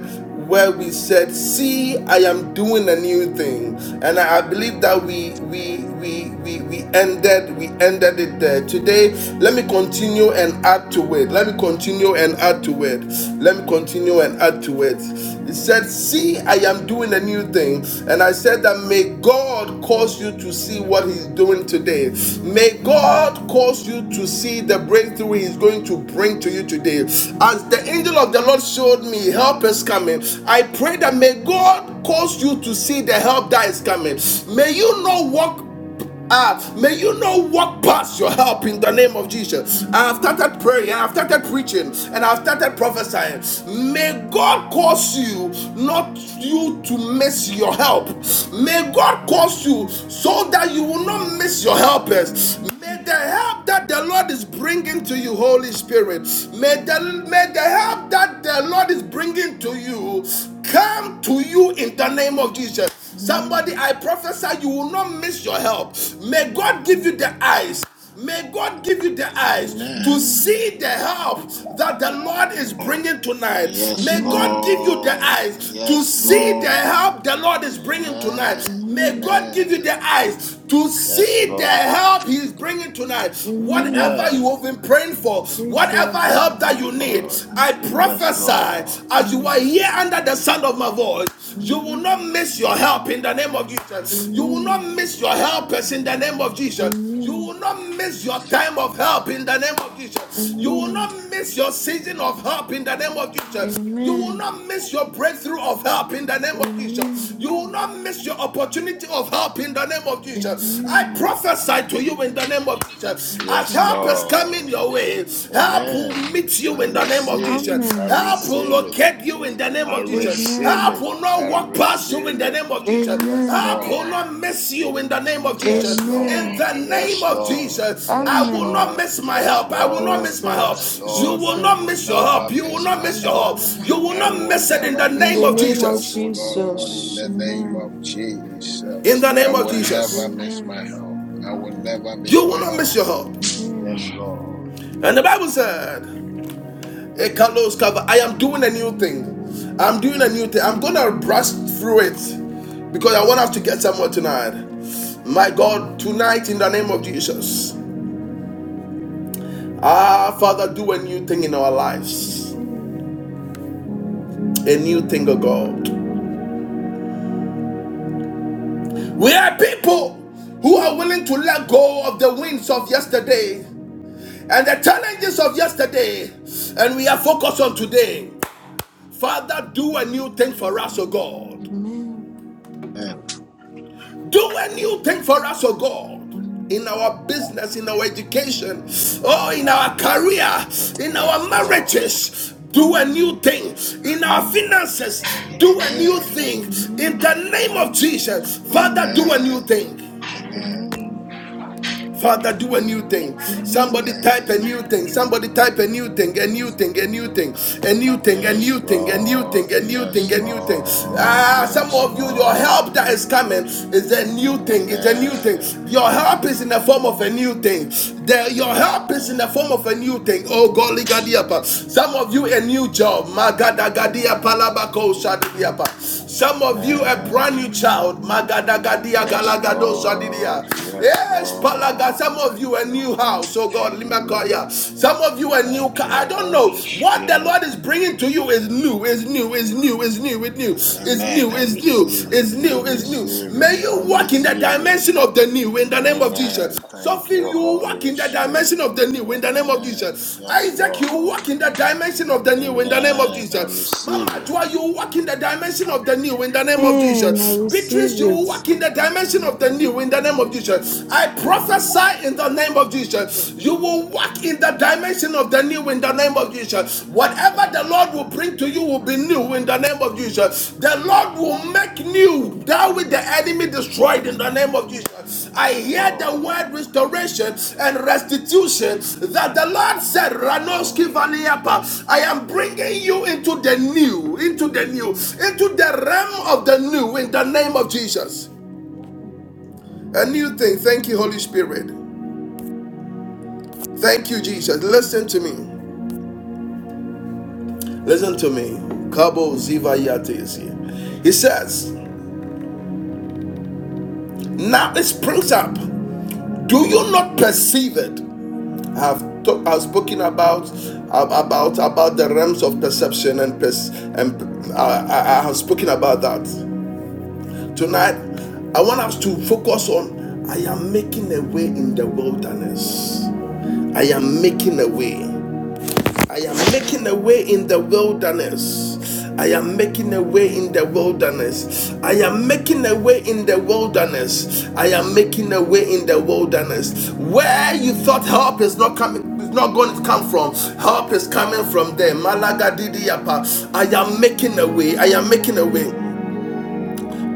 where we said, "See, I am doing a new thing," and I, I believe that we we we we we ended we ended it there. Today, let me continue and add to it. Let me continue and add to it. Let me continue and add to it. He said, "See, I am doing a new thing," and I said that may God cause you to see what He's doing today. May
mm,
God cause you to see the breakthrough He's going to bring to you today. As the angel of the Lord showed me, help is coming. I pray that may God cause you to see the help that is coming.
mm,
May you not walk. Ah, may you not walk past your help in the name of Jesus. I have
mm,
started praying, I have started preaching, and I have started prophesying. May God cause you not you to miss your help. May God cause you so that you will not miss your helpers.
mm,
May the help that that the Lord is bringing to you, Holy Spirit, may the, may the help that the Lord is bringing to you come to you in the name of Jesus. Somebody,
Amen.
I prophesy you will not miss your help. May God give you the eyes. May God give you the eyes to
Amen.
Amen.
see the help that the Lord is bringing tonight.
Yes,
May God
Amen.
give you the
Lord.
eyes to
Yes,
see the
Amen.
Lord.
help the Lord is bringing tonight.
Amen.
May
Amen.
God give
Amen.
you the eyes to
Yes,
see the
Lord.
help He is bringing tonight. Whatever
Amen.
you have
Amen.
been praying for, whatever
Jesus.
help that you need,
Lord.
I
That's Amen.
Yes,
prophesy
Lord.
as you are
Amen.
here under the sound of my voice, you will not miss your help in the name of Jesus. You will not
Amen.
miss your helpers in the name of Jesus. You
Amen.
will not miss your time of help in the name of Jesus. You will not
Amen.
miss your season of help in the name of Jesus. You will
Amen.
not miss your breakthrough of help in the name of Jesus.
Amen.
You will not miss your opportunity of help in the name of Jesus. I
Amen.
prophesy to you in the name of Jesus.
Yes,
As
Yes,
Lord.
help is coming
Lord.
your way, help
Amen.
will meet
I
you in the name of
receive it.
Jesus.
I
Amen.
Help will
receive it.
locate you in the name
I
of Jesus. Jesus.
receive
Help
Amen.
it.
will
I
not walk past you
receive
in the
it.
name of Jesus.
Yes,
Amen. Amen.
Help will
Lord.
not miss you in the name of Jesus.
Yes,
In
Lord.
the name
Yes,
of
Lord.
Jesus, I
Yes,
will
Amen.
not
Lord.
miss my
Yes,
help. I will not
Lord.
miss my help.
Yes,
Jesus.
You
Lord.
will
I
Jesus.
not
will
miss your help.
never
You will
miss
not
my
miss your
Yes,
help.
help.
Lord.
You
Lord.
will
I
not
will
miss it in
never
the
In
name
miss
the
of
my
name of
help,
Jesus.
O Lord, in
Jesus.
the name
Amen.
of
In
Jesus.
the
I
name of
will never
Jesus,
miss my
Amen.
help. I will never
you
miss
will
my
not
help.
miss your help.
Yes,
Amen.
Lord.
And the Bible said, Ekalos cover. I am doing a new thing. I'm doing a new thing. I'm gonna brush through it because I want us to get somewhere tonight. My God, tonight in the name of Jesus.
Amen.
Ah, Father, do a new thing in our lives.
Amen.
A new thing, oh God.
Amen.
We are people who are willing to let go of the winds of yesterday and the challenges of yesterday, and we are focused on today. Father, do a new thing for us, oh God.
Amen.
Amen.
Do a new thing for us, oh God, in
Amen.
our business, in our education, oh, in our career, in our
Yes, Lord.
marriages. Do a new
Amen.
thing in our finances. Do a new
Amen.
thing in
Amen.
the name of Jesus. Father, do a new
Amen.
thing.
Amen.
Amen.
Father, do a new thing. Somebody
Amen.
type a
Amen.
new thing. Somebody type a new thing, a new thing, a new thing, a new thing, a
Yes,
new thing, a new
Lord.
thing, a new thing,
Yes,
a new thing.
Lord.
Ah, some
Yes,
of you, your
Lord.
help that is coming is a new thing. It's a new thing.
Amen.
Your help is in the form of a new thing. The- your help is in the
Amen.
form of a new thing. Oh, golly, gadiapa. Some of you, a new job. Magada gadiapa, labako, shadidiapa. Some of you, a brand
Amen.
new child. Magada gadia,
Yes,
galagado,
Lord.
shadidia.
Yes,
Yes, Palaga,
Lord.
some of
Thank
you a
you,
new house.
Holy
Oh God,
Spirit.
Limakaya. Some of you a new
Thank
car.
you,
I don't know.
Holy
What the
Spirit.
Lord is bringing to you is new, is new, is new, is new, is new, is
Amen.
new,
I
is new,
receive it.
is
I
new, is new.
receive it.
May
I
you walk in the
receive it.
dimension of the new in the name of Jesus.
Amen. Thank
Sophie,
you,
you walk
Holy
in the dimension
Spirit.
of the new in the name of
Amen.
Jesus.
Yes,
Isaac,
Lord.
you walk in the dimension of the new in the name of
Amen. I
Jesus.
receive
Mama
it.
Dua, you walk in the dimension of the new in the name of
Amen. I
Jesus. Beatrice,
receive
you
it.
walk in the dimension of the new in the name of Jesus. I prophesy in the name of Jesus. You will walk in the dimension of the new in the name of Jesus. Whatever the
Amen.
Lord will bring to you will be new in the name of Jesus. The Lord will make new that which the enemy destroyed in the name of Jesus. I hear the word
Lord.
restoration and restitution that the Lord said,
Lord.
Ranoski Vaniapa, I am bringing you into the new, into the new, into the realm of the new in the name of Jesus. A new thing. Thank you, Holy Spirit. Thank you, Jesus. Listen to me. Listen to me. Kabo Ziva Yate is here. He says, Now it springs up. Do you not perceive it? I've, to, I've spoken about about about the realms of perception and pers- and uh, I, I have spoken about that. Tonight, I want us to focus on. I am making a way in the wilderness. I am making a way. I am making a way in the wilderness. I am making a way in the wilderness. I am making a way in the wilderness. I am making a way in the wilderness. Where you thought help is not coming, is not going to come from. Help is coming from there. Malaga Didiapa. I am making a way. I am making a way.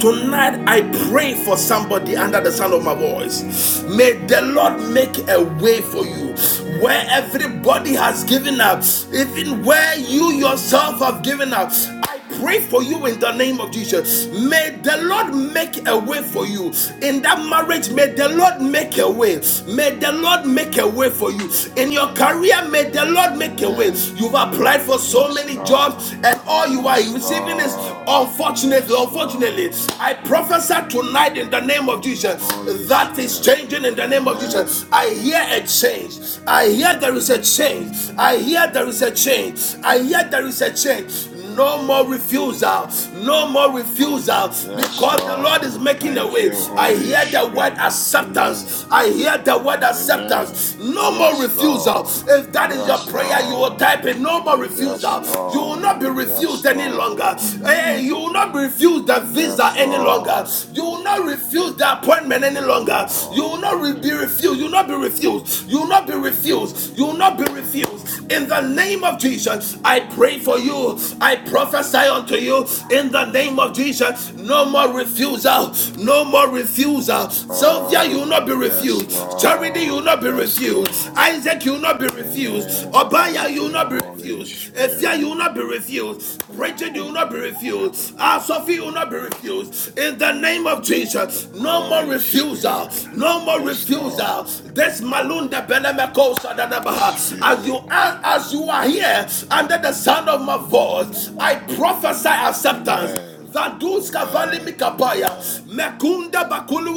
Tonight, I pray for somebody under the sound of my voice. May the Lord make a way for you
Amen.
where everybody has given up, even where you yourself have given up. I pray for you in the name of Jesus. May the Lord make a way for you in that marriage. May the Lord make a way. May the Lord make a way for you in your career. May the Lord make a way.
Amen.
You've applied for so
Yes,
many
Lord.
jobs, and all you are
Yes,
receiving is
Lord.
unfortunately,
Yes, Lord.
unfortunately. I prophesy tonight in the name of Jesus
Holy
that is
Spirit.
changing in the name of Jesus.
Amen.
I hear a change. I hear there is a change. I hear there is a change. I hear there is a change. No more refusal. No more
Lord.
refusal.
Yes,
Because the Lord is
Lord.
making a
Thank
way.
you,
I
Holy
hear the word
Spirit. Amen.
acceptance. I hear the word acceptance.
Amen.
No more
Yes,
refusal.
Lord.
If that is your
Yes,
prayer, you will
Lord.
type it. No more
Yes,
refusal. You will not be
Lord.
refused
Yes,
any longer.
Lord.
Hey, you will not be refused the visa
Yes,
any longer.
Lord.
You will not refuse the appointment any longer. You
Lord.
will not be refused. You will not be refused. You will not be refused. You will not be refused. In the name of Jesus, I pray for you. I prophesy unto you in the name of Jesus. No more refusal. No more refusal. Sylvia, you will
Lord.
not be
Yes,
refused. Charity, you
Lord.
will not be
Yes,
refused.
Lord.
Isaac, you will not be refused.
Amen.
Obaya,
Thank
you will
you,
not be
Holy
refused. Efia,
Spirit.
you will not be refused. Bridget, you will not be refused. Ah, Sophie, you will not be refused in the name of Jesus. No more
Holy
refusal,
Spirit.
no more
Yes,
refusal.
Lord.
This malunda belemeko
Holy
sadadabaha. As you
Spirit.
are, as you are here under the sound of my voice, I prophesy acceptance.
Amen.
Vadus kavali
Amen.
mikapaya,
Amen.
mekunda bakulu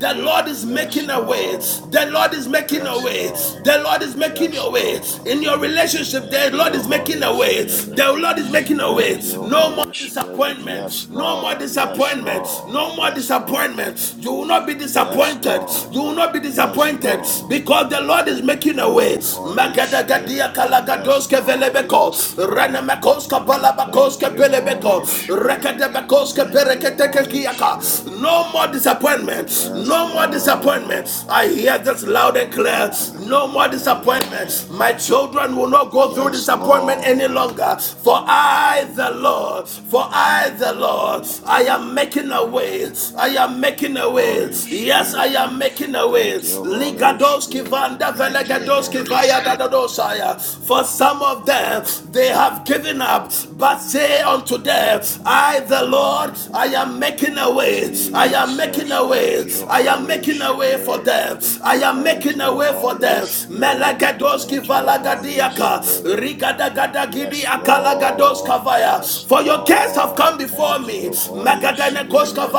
The Lord is
Yes,
making a way.
Lord.
The Lord is making a
Yes,
way. The
Lord.
Lord is making
Yes,
a way
Lord.
in your relationship. The
Thank you,
Lord is making
Holy
a way.
Spirit.
The Lord is making a way.
Thank you,
No more
Holy
more
Spirit. Yes,
disappointments. No more
Lord. Yes,
disappointments.
Lord.
No more
Yes, Lord.
disappointments. You will not be
Yes,
disappointed. You
Lord.
will not be
Yes,
disappointed
Lord.
because the Lord is making a way.
Holy Spirit.
Magadagadia
Yes,
kalagadoske
Lord.
velebeko.
Yes, Lord.
Renemekoska
Thank
balabakoske
you,
pelebeko.
Holy Spirit.
Rekedebekoske
Thank you, Holy Spirit.
pereketekekiaka. No more disappointments.
Yes,
No more
Lord.
disappointments. I hear this loud and clear. No more disappointments
Amen.
disappointment. My children will not go through
Yes,
disappointment any
Lord.
longer. For I, the Lord, for I, the Lord, I am making a way. I am making a way.
Holy
Yes, I
Spirit.
am making a way.
Thank you, Holy Spirit. Thank you, Holy Spirit.
For some of them, they have given up, but say unto them, I, the Lord, I am making a
Of
way. I am making am making
Jesus,
a
thank
way.
you,
I am
Holy
making a way for
Spirit.
them. I am
Thank
making a
you,
way for
Holy
them.
Spirit.
Melagadoski
Thank you, Holy
valagadiaka.
Spirit.
Rigadagadi
Yes, Lord.
akalagadoska vaya.
Yes,
For your cares have come
Lord.
before
Thank
me.
you, Holy
Magadanekoska
Spirit.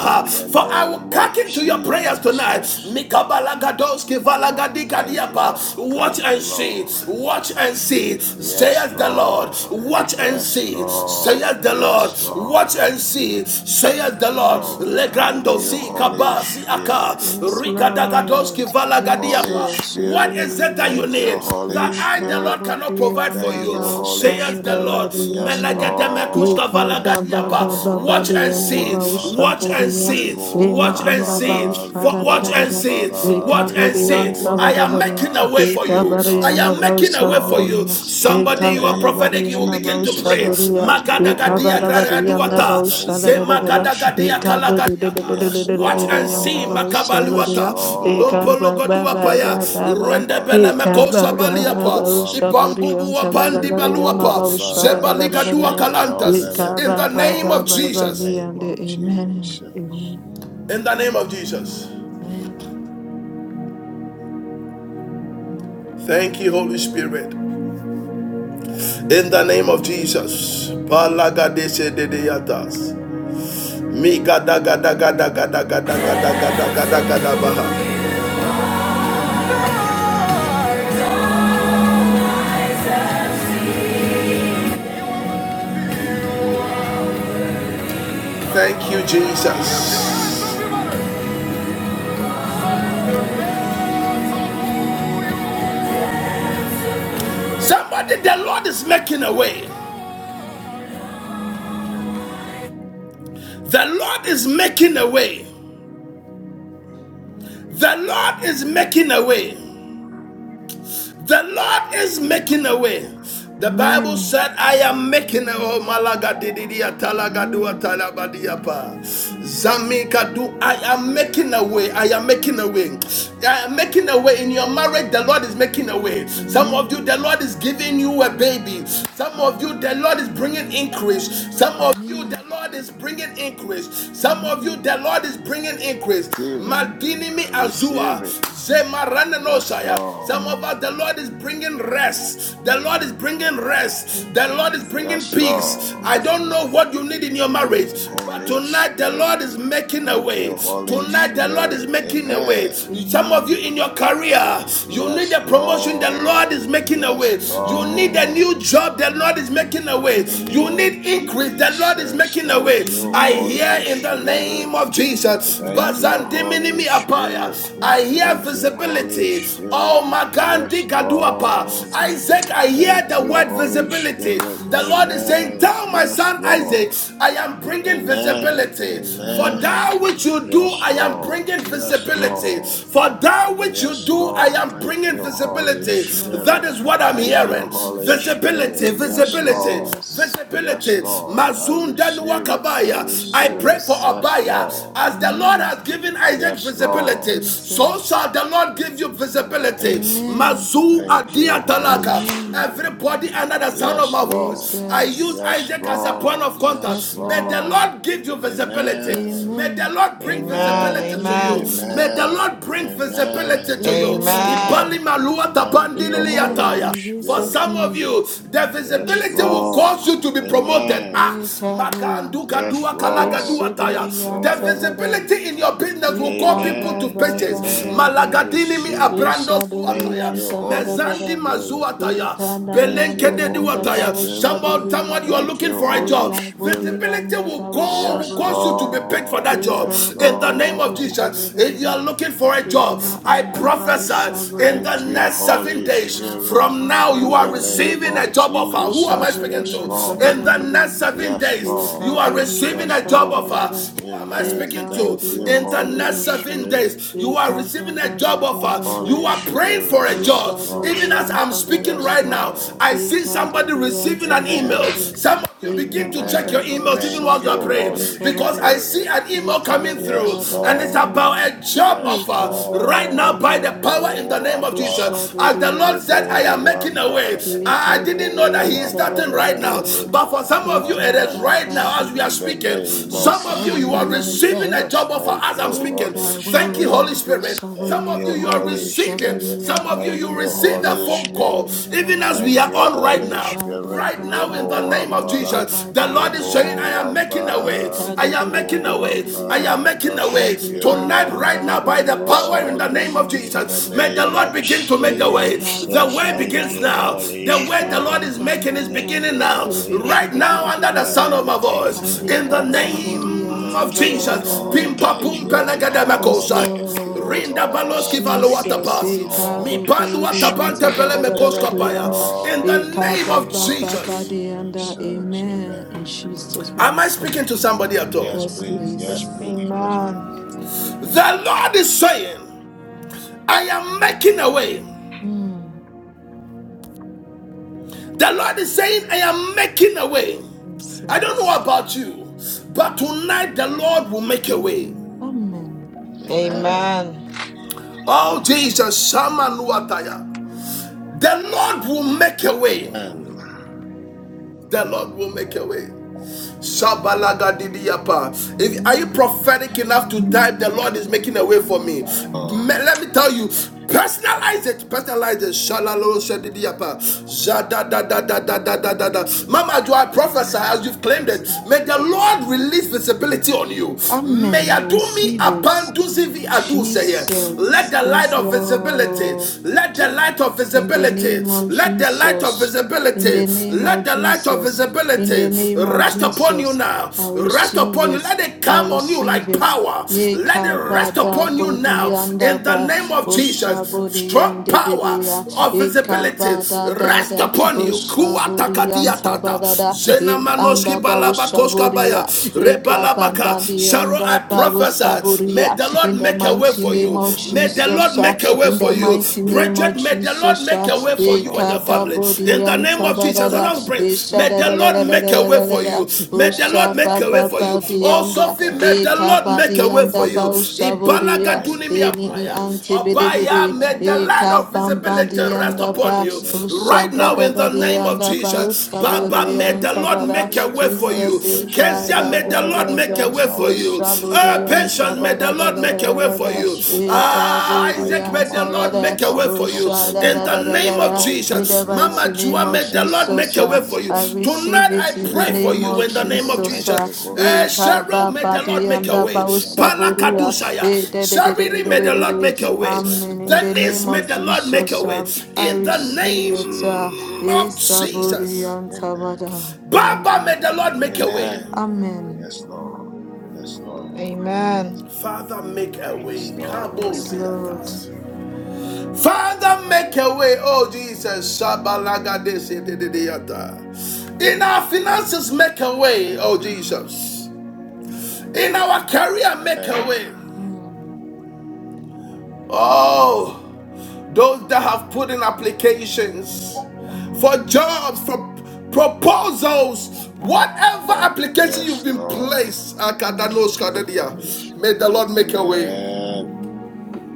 In the
For I will
name of
cut into your prayers tonight.
Jesus.
Mikabalagadoski
Oh, thank you,
valagadikadiapa.
Lord.
Watch
Thank you,
and see.
Lord.
Watch and see.
Yes,
Says the Lord.
Lord.
Watch and
Yes,
see,
Lord.
saith the
Yes,
Lord. Watch
Lord.
and see, saith the Lord.
Oh, thank
Legrando
you,
si
Holy
kabasi
Spirit.
aka
Yes,
rika dagadoski
Lord
Holy
valagadiapa.
Jesus,
What
Spirit.
is it that you
Thank
yes.
you,
need?
Holy
That
Ye
I, the
Spirit.
Lord,
kaba
cannot
di
provide for
anda
Thank
you,
you, Holy
bausha, ushada
saith the
da
Spirit.
da
Lord.
di
Yes,
anda. Ye
Lord.
Melegademekuska
kaba ba
Yes,
ba
valagadiapa.
ba
Lord.
Watch
di
and
Ribu
anda
see,
Ambara.
bausha
watch
ushada di
and see,
Ye
Ribu
ma
watch and
anda
see.
Ambara.
bausha,
For
ushada
Ribu
da
watch
da da
and
da.
see, it.
Ye
Ambara.
watch
kaba
and
di
see. it.
Ribu
anda ba
I
da
am
ba da.
making
Ambara.
a way
Ye
for you.
kaba
Spirit
di
I
of the
anda
am making
living
a
bausha
way
ushada
for
God.
you.
di ya. Ye
In the
Somebody, you
kaba
are
da
name
prophetic.
of
You will
anda
begin to
bausha,
pray.
ushada
Jesus.
di ya.
Thank you,
Ye kaba
Magadagadia
da
Holy
anda
Spirit.
ba
gradaduata,
Thank
da
you,
da da da.
Holy
Amen.
zemagadagadia
Spirit.
kalagadiata.
Yes,
Watch and see,
Lord.
Amen.
Yes,
makabaluata,
Lord.
Amen.
lumpologoduapaya,
Ribu Ambara.
rendebelemekosa baliapa,
Ribu Ambara.
ibambubu bandi baluapa,
Reborn by the
zebaligadua
Spirit
Amen.
of the
kalantas. In
Living
the name of
God in the
Jesus.
name of Jesus.
In the name of Jesus. Thank you, Holy Spirit. In the name of Jesus. Palagadeshe dedeyatas. Migadagadagadagadagadagadagadagadabaha. Thank you, Jesus. Somebody, the Lord is making a way.
Mhm.
The Lord is making a way. The Lord is making a way.
Receive
Mhm.
The Lord is making a way. The
Mhm.
Bible said, I am making a way. Malaga dididia talagadua talabadiapa.
Amen.
Zamika do. I am making a way. I am making a
Yes, yes,
way.
yes.
I am making a way. In your marriage, the Lord is making a way. Some of you,
Amen.
the Lord is giving you a baby. Some of
Amen.
you, the Lord is bringing increase. Some of you, the
Amen.
Lord is bringing increase. Some of you,
Amen.
the Lord is bringing increase.
it.
Amen.
Madinimi
I receive
Azua,
it.
Amen.
Yes,
Zemaranelosaya. Some
Lord.
of
Amen.
us, the Lord is bringing rest. The Lord is bringing rest. The
Yes,
Lord is
yes.
bringing
Yes,
peace.
Lord.
I don't know
Jesus.
what you need in your marriage, but
Mm.
Holy
tonight the Lord
Spirit.
is making a
Thank
way.
you, Holy
Tonight the
Amen.
Lord
Spirit.
is making a way.
Amen.
Some of you
Amen.
in your career, you
Mm.
need
Yes,
a promotion. The Lord
Lord.
is making a
Yes,
way. You need a
Amen.
Lord.
new job. The Lord is making a way.
Name
You
of
Amen.
need increase. The Lord is
Jesus.
making a way.
Thank you,
I
Amen.
Holy
hear in the
Spirit.
name of Jesus.
Thank you,
Amen.
Bazandim
Holy
Minimi Apaya.
Spirit.
I hear
Thank
Jesus.
you, Holy
visibility. Oh
Spirit. Yes,
Magandi Gaduapa.
Lord.
Yes,
Isaac, I hear
Thank
the
you,
word
Holy
visibility.
Spirit.
The Lord is
Jesus.
saying,
Amen.
Tell my
Yes,
son Isaac,
Lord.
I am bringing
Amen.
visibility. For
Amen.
Amen.
that which you do,
Yes,
I am
Lord.
bringing
Yes,
visibility.
Lord.
Jesus.
For that which you
Yes,
do, I
Lord.
am
Thank
bringing
you, Holy
visibility.
Yes,
That
Spirit.
Lord.
is what I'm
Thank you,
hearing.
Holy Spirit.
Visibility,
Yes,
visibility,
Lord.
Jesus.
Yes,
visibility.
Lord. I
Mazunda
receive it.
Nwakaba.
I
Abaya. I
receive
pray
it.
for
Jesus.
Yes,
Abaya.
Lord.
As the Lord
Amen.
has given Isaac
Yes, Lord.
visibility, so
Jesus.
shall the Lord give you visibility.
And
Amen.
Mazu
thank you,
Adia
Holy
Talaka.
Amen.
Spirit.
Everybody under the sound of
Yes,
my
Lord.
voice, I use
Jesus.
Yes,
Isaac as a point
Lord.
of
Yes,
Yes,
contact. May the
Lord.
Lord.
Lord give you visibility.
Amen.
May the
Amen.
Lord bring
Amen.
visibility
Amen.
to you.
Amen.
Amen.
May the
Amen.
Lord bring visibility
Amen.
to you.
Amen.
Ibali
Amen.
Amen.
malua
Thank you,
tabandili
Amen.
Holy
liyataya.
In
For
Jesus'
some
Spirit.
of
name.
you, the
Yes,
visibility will
Jesus.
Lord.
cause you to be promoted. Ah,
Ye
Amen.
kabu.
Yes,
makandukadua
Ye
Lord.
shibidi
Yes,
kalagaduataya. The
Lord.
yantabada.
visibility in your business will
Ye
call people to
kaba
Amen.
ba ba
purchase.
ba
Amen.
ba.
I
Malagadini mi
receive
Ye
it.
abrando
shaduri
Thank
suataya.
you,
yantabada
Holy
Mezandi
bada.
Spirit.
Ye
mazuataya.
kananda
Thank you,
Belenkede
diyanda
Holy
duataya.
bawo
Spirit.
Someone, someone, you
shaburiya.
are
Thank
looking
you,
for a
Ye
Holy
job.
kabudi
Spirit.
Visibility
yanda
will
bawo
call, will
Yes,
cause you to
shaburiya.
be picked for
Lord.
that
Ye
job.
Yes,
In the
kabudi di
name
di
of
Lord.
di di
Jesus,
di
if you
di
are
di.
looking for a
Ye
job,
ma
I
anda bawo
Oh,
prophesy in the
thank
shaburiya.
you,
next seven
Holy
days
buriyan
Spirit.
from now you
In
are
the name
receiving a
of
job offer. Who am I
Jesus.
speaking
Yes,
to?
buriyan
Lord.
In the next
sabarabara.
seven
Yes,
days, you
Ika
Lord.
are receiving
buriyan
Yes,
a job
Lord.
offer who am I
Amen.
speaking to?
Thank you,
In the next
Holy
sabarabara.
seven
Spirit.
days, you are
Ika ba
receiving a
da
job
da da
offer.
da da
You
Holy
da.
are praying
Spirit.
for a
Yes,
job.
Lord.
Even as
Ushaburiyan
I'm speaking
Yes,
right
sabarabara.
now,
Lord.
I see
Ika
somebody
buriyan
receiving an
Amen.
email.
sabarabara.
Some of you begin
Ima
to check your
anda
Amen.
emails even while
Thank
you are
you,
praying
Holy
because
Eka
I see
Spirit.
an email
Ikaba
coming
Yes,
through and it's about
Lord.
a job
Yes,
offer right now
Lord.
by the power in the
Rebo
name of
Ambara.
Jesus. As the Lord said, I
Rebo
am making a way.
Ambara.
I didn't know that
Rebo
he is starting right now,
Ambara.
but for some of
Rebo
you, it is
Ambara.
right now as we are
In the
speaking.
name of
Some of you, you are receiving a
Jesus.
job offer
Thank
as I'm
you,
speaking.
Holy
Thank you, Holy
Spirit.
Spirit. Some
Thank
of you,
you,
you are
Holy
receiving.
Spirit.
Some of you,
Thank
you
you,
receive a
Holy
phone call,
Spirit.
even as we
Thank
are
you,
on right
Holy
now.
Spirit.
Right now, in the
Rebo
name of
Wambara,
Jesus, the Lord is saying, I
Rebo
am making a way.
Wambara,
I am making
Rebo
a way. I am
Wambara,
making
the
a way.
and be
Spirit
Tonight,
of the
right now, by
Living
the
bababababusha,
power in
God,
the name of
boryan
in the
Jesus, may the
name
sabarabaram.
Lord
of
begin to make
Be
the way. The
Jesus.
way
Thank
begins
you,
bababababab.
now.
Holy
The
Be
way the
Spirit.
Lord is making is
Thank
bababababab.
beginning
you,
now.
Be be
Holy
be be
Right
be be
now,
be
Spirit.
under
be be
the sound
Father,
of
be.
my
we thank you,
And
voice,
O
be
in the
ka
Lord.
name
We
saboryan
of
thank you, O
Jesus.
Lord.
sabarabaram.
Pimpa
Thank you,
pumpa
O
Oh
Lord.
negadamekosa.
Thank you, O
Lord,
Rinda baloski
Lord. Thank
valuata
you,
Jesus,
O
pasi.
say
Mi
Lord.
baluata pante
Spirit
pele
of the
mekoska
living
paya.
kabukodeyansabarabaram.
In
God,
Be
the
in the
name of
name of
Jesus.
bababababaram.
Mhm.
Jesus.
Amen
Amen.
in
Amen.
Jesus'
Am
name.
I speaking to somebody at all?
Yes, please. Yes,
Restless.
Yes.
please. Yes, please.
Amen.
The Lord is saying, I am making a way.
Hmm.
The Lord is saying, I am making a way. I don't know
Jesus.
about you, but tonight the Lord will make a way.
Amen.
Amen.
Amen.
Oh Jesus, Shaman Wataya. The Lord will make a way.
Amen.
The Lord will make a way. Shabalagadidiyapa. If are you
Amen.
prophetic enough to type, the Lord is making a way for me.
Oh,
Let me tell you, personalize it, personalize it. Shalalo shadidiyapa. Jada da. da da da da da da da. Mama, do I prophesy as you've claimed it?
Receive.
May the Lord release visibility on you. May
Amen. I
adumi
receive it.
abanduzivi aduseye. Let
Jesus.
the light
Yes,
of visibility, let
Lord.
the light of
In the
visibility,
name of
let the light the light of
Jesus. In the
visibility,
name of
let the light of
Jesus. In the
visibility
name of
rest upon you
Jesus.
now.
I
Rest
receive
upon you.
it.
Let it
I
come on you
receive
like
it.
power.
Ye
Let it rest
kabada
upon you
bodi
now
anda
in the
ba
name of
osha
Jesus. Strong
bodiande
power
bedia
of
e
visibility
kabada da
rest
da
upon you.
osha
yes, Lord.
bodianta badada e anda ba osha bodia e
Spirit.
Rebalabaka.
kabamba di
Thank you,
anda
I
ba
Holy
osha
Spirit.
prophesy. May
bodia
the Lord
in the
make a way
mighty
Yes,
for
name
you.
of
May the
Lord.
Lord
Jesus
make a way
in
Yes,
the
for you.
mighty
Lord.
name of
Brethren, may the Lord
Jesus,
make a way
Yes,
for you and your
Ekada
family. In
Lord.
the
Bodian
name of
Yes,
Jesus, I will pray,
Lord.
Isha
may
da
the
da da
Lord
da da
make a
da
way
da
for
da
you.
da.
May the
Usha
Lord make
ba
a way
ba
for you.
ba
Oh,
Oh,
dianda.
Sophie, may
thank
the
you,
Eka
Lord
ba
make
Holy
a way for
dianda
you.
ba
Spirit.
usha boria.
Thank
Ibalagadunimi
you,
Eni ni
apaya.
Holy
anti bidi
Spirit.
Obaya,
bidi.
may the
Father,
light
make
Eka
of
a
bam bam
way.
visibility rest
dianda
Father,
upon
ba.
let
you.
there be a
Right
Usha ba
now,
way,
da
in
O
da
the name of
Lord.
dianda ba
Jesus,
usha
Baba,
Father,
boria
may
let
the
anta
Lord
every
bara.
make a
crooked
way for
path
you.
be
Jesus
made straight,
eka
O
Kezia,
da
may the
ba
Lord.
Lord
Let
ba
make
ba.
a
every
way for you.
mountain
Usha
Oh,
before
boria
me, O
anta
patience, may
Lord,
the
bara
be
da
Lord
da
make
da
melt
a
da
way
like
da
for
da.
you.
wax, O God.
Eka
Ah,
I
boria
Isaac, may the
anta
command
Lord
every
bara.
make a way for
mountain of
you.
Usha da
In
da
the
da
name
da
Zerubbabel,
name
da
O
of
da.
God, to
In
be
the
Jesus. Mama
mighty
removed in
name
Jua,
the
of
may the
name
Lord
of
make a
Jesus.
way for you.
I
Jesus.
receive
Tonight I
it
Thank
in
you,
the
pray for
name
Holy
you
of
in the name
Spirit.
of
Jesus.
Thank
Jesus.
ah.
you, Holy
Eh,
Eh,
Spirit.
Cheryl, may
The
the
kababadi
Lord make a
anda
Spirit
way.
of the living
bausaburi, ah.
God.
Palakadushaya.
Eh, de- de- de-
In
de-
the
de-
Shariri,
de-
may
de-
the
name
Lord
of
de-
make a
de.
way.
Jesus,
Amen. In the
thank you,
Denise,
name
may
of
the
Holy
Lord make a
Jesus,
Spirit.
way.
ah, I
In the
In the
receive it. ah.
Jesus.
name
Eh,
of
Amen.
saburi
Jesus.
anta
Amen.
bada.
Baba,
Amen.
may the Lord make a way.
Amen.
Amen.
Yes, Lord. Yes, Lord.
Mm.
Amen.
Father, make a
Yes,
way.
Lord.
Yes, Lord.
Kaboziatas. Father, make a way, oh
Mm,
Jesus.
mm,
In our finances, make a way, oh
mm,
Jesus. In our career, make a
Amen.
way.
mm,
Oh, those that have put in applications for
mm,
jobs, for proposals,
mm,
whatever
Lord.
application you've
Yes,
been
Lord.
placed,
mm, mm,
Thank you,
mm,
Holy
may the Lord
Spirit.
make a way.
Amen.
mm.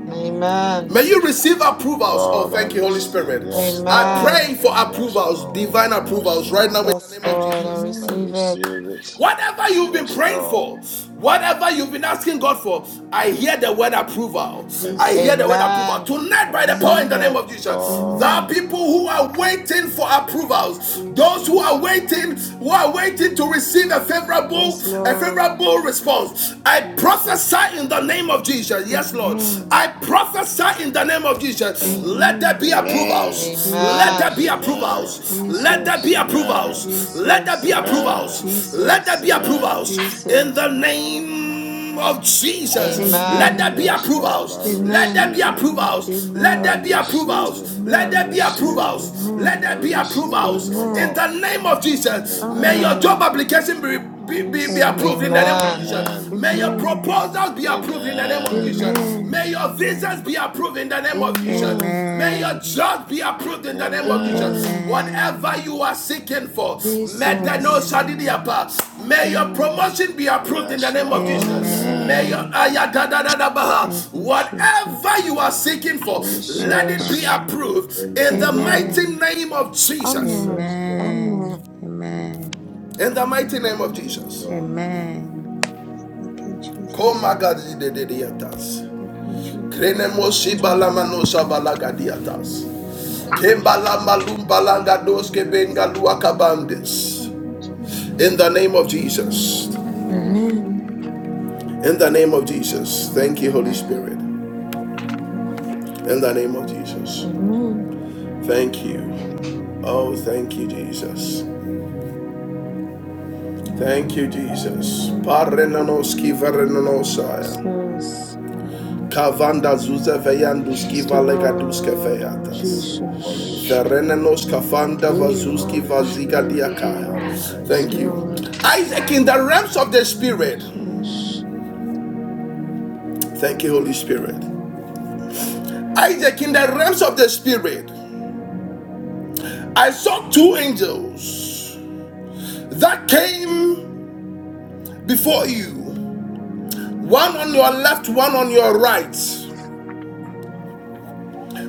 Amen.
May you receive approvals. Oh,
Lord, I
thank you, Holy
receive.
Spirit.
Yes,
I
Amen.
pray
Lord.
for
Yes,
approvals,
Lord.
divine
Yes,
approvals, right now
Lord.
in the
Yes,
name of
Lord, I
Jesus.
I
Amen.
receive it.
receive it.
Whatever you've been
Yes,
praying for,
Lord.
whatever you've been asking God for, I hear the word approval.
Amen.
I hear the
Jesus.
word approval.
Amen. I
Tonight, by the power in
receive
the
Amen.
name
it.
of Jesus, there are
Oh,
Amen.
people who are waiting for approvals. Those who are
Jesus.
waiting, who are waiting to receive a favorable,
Yes,
a
Lord.
favorable response. I
Jesus.
prophesy in the name of Jesus. Yes, Lord.
Amen.
I prophesy in the name of Jesus. Let there be
Amen.
approval
amen. Amen.
approvals. Let there
Amen.
be
Jesus.
Amen.
approvals. Let there be
Jesus.
Amen.
approvals. Let there be
Jesus.
Amen.
approvals. Let there
Jesus.
be
Amen.
approvals. In
Jesus.
the name of Jesus,
Amen.
let
Amen.
there be
Amen.
Amen.
Yes, Lord, I
approvals. Let there
Amen.
be
receive it.
Amen.
approvals. Let
I
there
Amen.
be
Amen.
receive it.
approvals.
I
Let there
Amen.
be
Amen.
receive it.
approvals. Let
Amen.
I
there be
receive it,
approvals.
oh
In
Amen.
the
Lord.
name of Jesus, may your
Amen.
job
Amen.
Amen.
application be, be, be, be
Jesus.
approved. In the
Amen.
name of
Amen.
Jesus.
Amen.
Amen.
May your
Amen.
Amen.
proposals be approved in the name of Jesus.
Amen.
Amen.
May your visas
Amen. Amen.
be approved in the name of Jesus.
Amen.
Amen.
May your
Amen.
judge be approved in the name of Jesus.
Amen.
Amen.
Whatever
Amen.
you are seeking for,
Amen.
medano
Jesus.
Amen.
shadidiapa. may your
Amen.
promotion be approved in the
Yes,
name of
Lord.
Jesus. May
Amen.
your
Amen.
Amen. Thank you, Jesus.
whatever you are seeking for, let it be
Jesus.
Amen.
approved in
Amen.
the mighty
Amen.
Amen.
name of Jesus.
Yes,
Amen.
Lord.
Amen.
Amen. Amen.
In the mighty name of
Yes,
Jesus.
Lord.
Amen. Thank you,
Come,
Jesus.
Magadi de Diatas.
Thank you, Jesus.
Krenemosi
Amen.
Komagadididiatas. Krenemoshibalamanosavalagadiatas.
Holy
Kembalamba
Spirit,
lumbalanga doske benga luakabandes.
Thank you, Jesus.
In the name of Jesus.
Amen.
Amen.
In the name of Jesus. Thank you, Holy Spirit.
Amen.
In the name of Jesus.
Amen.
Thank you. Oh, thank you, Jesus. Thank you, Jesus. Parenanoski verenanosaya.
Jesus.
Kavanda zuza
Holy
Most
Spirit,
valegaduske
Lord
feyatas.
Holy
Jesus.
Spirit.
Ferenanos kavanda
Thank you,
vazuski
Amen.
Holy
And
vaziga
Spirit. Father, we
Amen.
thank
Yes,
Thank
you
Mm,
for
you.
the
Lord.
Isaac in the realms of the spirit.
Jesus.
Thank you, Holy Spirit. Isaac, in the realms of the Spirit, I saw two angels that came before you one on your left, one on your right.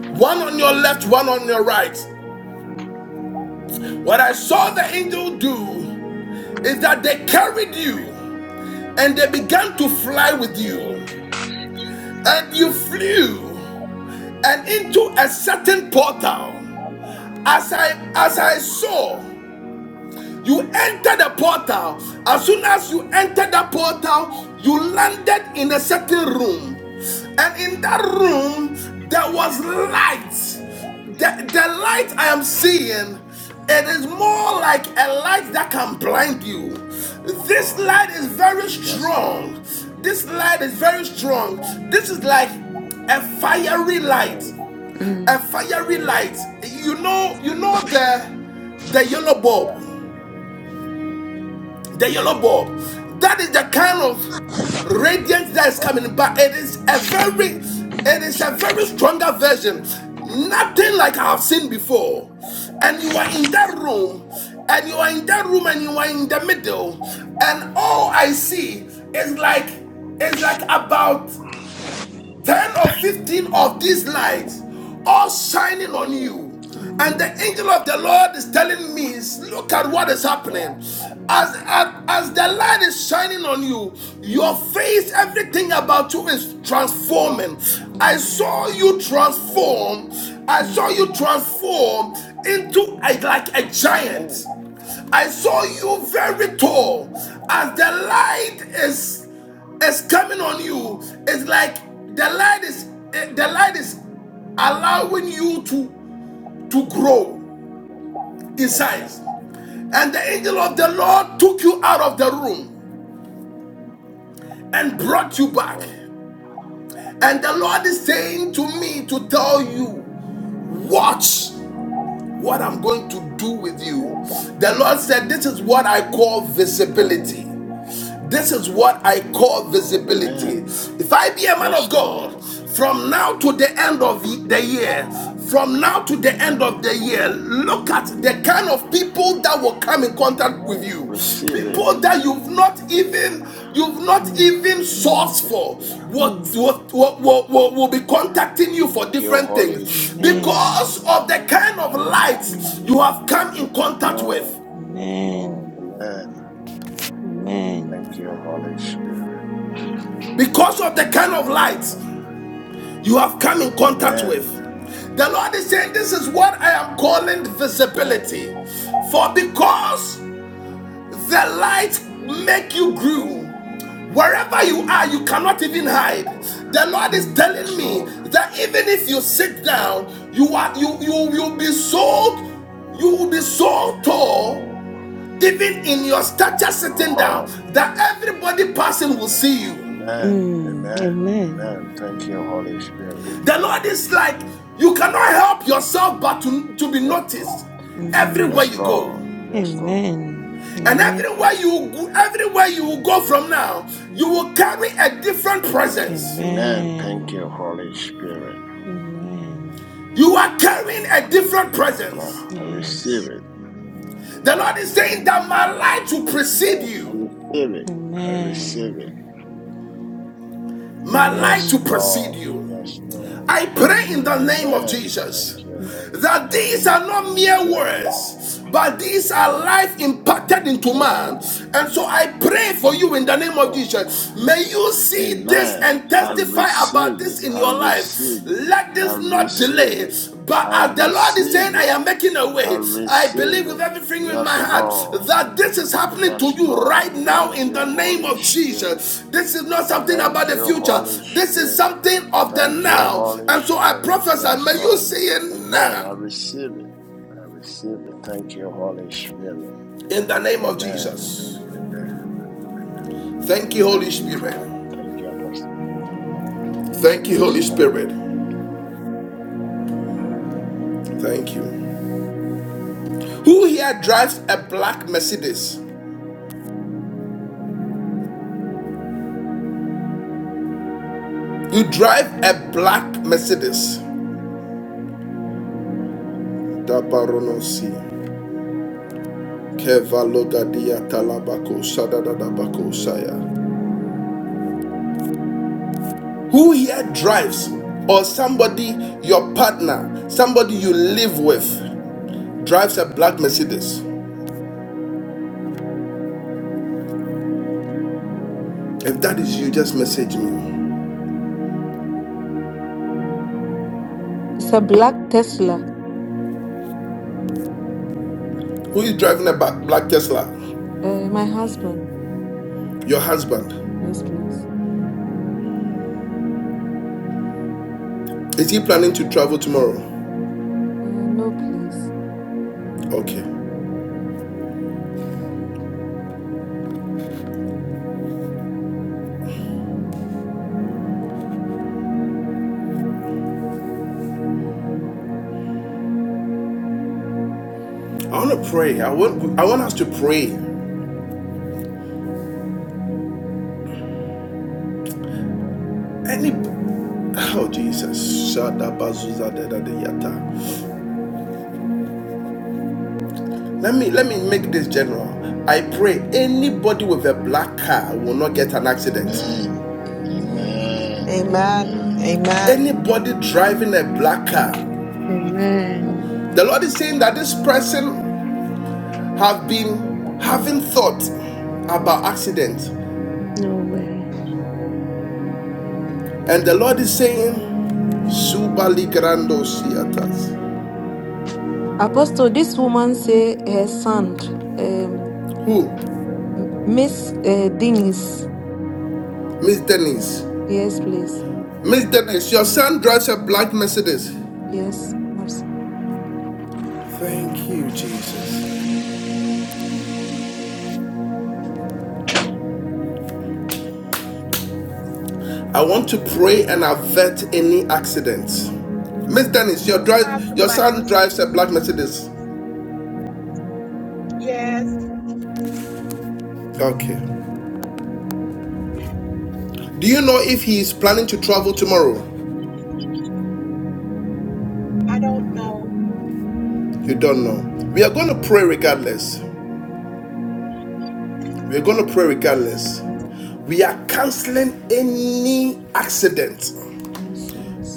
One on your left, one on your right. What I saw the angel do is that they carried you and they began to fly with
Amen.
you. And you flew and into a certain portal. As I as I saw, You enter the portal. As soon as you enter the portal, you landed in a certain room. And in that room, there was light. The, the light I am seeing, it is more like a light that can blind you. This
Oh,
light is very
yes, Lord.
strong. This light is very strong. This is like a fiery light.
Amen.
mm,
A fiery
Amen.
light. You know, you know the the yellow
Yeah.
bulb the yellow bulb. That is the kind of radiance that is coming, but it is a very, it is a very stronger version. Nothing like I have seen before. And you are in that room, and you are in that room, and you are in the middle, and all I see is like, is like about 10 or 15 of these
Amen.
lights all shining on you.
Amen.
And
Amen.
the angel of the Lord is telling me, look at what is happening.
Lord.
Mm,
As, as, as the light is shining on you, your
mm,
face, everything about you is transforming. I saw
Amen.
you
Amen. Amen.
transform. I
Mm,
saw you transform into a, like a
Amen.
giant. I saw you very
Yes, Lord.
tall. As the light is is coming on you it's like the light is eh, the light is allowing you to to
Yes,
grow
Lord. Yes, Lord.
in
Yes,
size and the angel of the lord took you out of the
Lord.
room and brought you
Yes,
back
Lord.
and the lord is saying to me to tell you watch what i'm going to do with you
Amen.
the lord said this is what i call
Yes, Lord. Amen.
visibility This is what I
Yes,
call
Lord.
visibility.
Amen.
If I be a man
Yes,
of God,
Lord.
from now to the end of the
Yes,
year,
Lord.
from now to the end of the
Amen.
year, look
this
at
is
the
good.
kind of people that will come in contact with
Amen.
you.
I receive
Mm,
it.
People that you've not even you've not
mm,
even
mm,
sourced
Amen.
for
Amen.
what
mm.
what will will- will be contacting you for
Thank you,
different
Holy
things
Spirit.
Amen.
because of the kind of
Yes,
lights
Lord.
you have
Mm,
come in
Yes,
contact
Lord.
with
Yes, Lord.
Amen.
Amen. Amen.
Amen.
Thank you, Holy Spirit.
because of the
Yes,
kind of lights.
Lord.
you have come in contact with.
Amen.
The Lord is saying, This is what I am calling
Amen.
visibility. For because the light make you grew,
Amen.
wherever you are, you cannot even
Yes,
hide.
Lord.
The Lord is
Mm,
telling
Yes,
me
Lord.
that even if you
Yes,
sit
Lord.
down, you are you you you'll be so you will be so
Yes,
tall,
Lord.
even in your stature sitting down, that everybody passing will
Yes,
see
Lord.
you.
Amen.
mm,
Amen.
Amen.
Amen. Thank you, Holy Spirit.
The Lord is like, you cannot help yourself but to, to be
Yes, Lord.
noticed
Mhm.
everywhere
Yes,
you go.
Lord. Yes, Lord.
Amen.
And
Amen.
everywhere you go- everywhere you will go from now, you will carry a different
Amen.
presence.
Amen. Thank you,
Amen.
Holy Spirit.
Amen.
You are carrying a
Yes,
different
Lord. Uh,
presence.
I receive
Yes.
it.
The Lord is saying that my light will precede
Amen. I
you.
receive it. I receive it.
Amen.
My light
Yes,
will
Amen.
precede
Lord.
you.
Yes, Lord.
I pray in the
Amen.
name of
Amen.
Jesus
Thank you, Holy
that
Spirit.
these are not mere
Yes, Lord.
words, but these are life impacted into
Amen.
man. And so I pray for you in the
Yes,
name of
Lord.
Jesus. May you see this
Amen.
and
I
testify about
receive it.
this in
I
your life.
receive it.
Let
I
this not
receive it.
delay, but
I
as the Lord is saying,
receive
I
it.
am making a
I
way, I believe
receive
with
it.
everything in my
Yes,
heart
Lord.
that this is happening to
Yes,
you right
Lord.
now
Thank
in
you,
the name
Holy
of
Spirit.
Jesus. This is not something about
Thank
the
you,
future,
Holy
this is
Spirit.
something of the
Thank you,
now.
Holy
And so I
Spirit.
prophesy,
Yes,
may you
Lord.
see it
Amen. I
now
receive it. I receive it. Thank you, Holy Spirit.
in the name of
Amen.
Jesus.
Amen. Amen.
Thank you, Holy
Thank you, Father.
Spirit.
Thank you, Apostle. Thank you, Apostle.
Thank you,
Yes,
Holy
Lord.
Spirit. Thank you. Who here drives a black Mercedes? You drive a black Mercedes. Dabaronosi. Who here drives, or somebody, your partner, somebody you live with, drives a black Mercedes? If that is you, just message me.
It's a black Tesla.
Who is driving a black Tesla?
Uh, my husband.
Your husband.
Yes, please.
Is he planning to travel tomorrow?
Uh, no, please.
Okay. I want to pray. I want. I want us to pray. Any. Oh Jesus. Let me let me make this general. I pray anybody with a black car will not get an accident.
Amen.
Amen.
Amen.
Amen.
Amen.
Amen.
Amen.
Amen.
Anybody driving a black car.
Amen.
Amen.
The Lord is saying that this person have been having thought about accident.
No way.
And the Lord is saying, Zubali Grando Siatas.
Apostle, this woman say her son, um,
Who?
Miss uh, Denise.
Miss Denise.
Yes, please.
Miss Denise, your son drives a black Mercedes.
Yes. I've se-
Thank you, Jesus. I want to pray and avert any accidents. Miss
Amen.
Dennis, your drive,
drives a
your
black
son drives a
Mercedes.
black Mercedes.
Yes,
Okay. Do you know if he is planning to travel tomorrow?
I don't know.
You don't know. We are going to pray regardless. We are going to pray regardless. We are canceling
Amen.
any accident.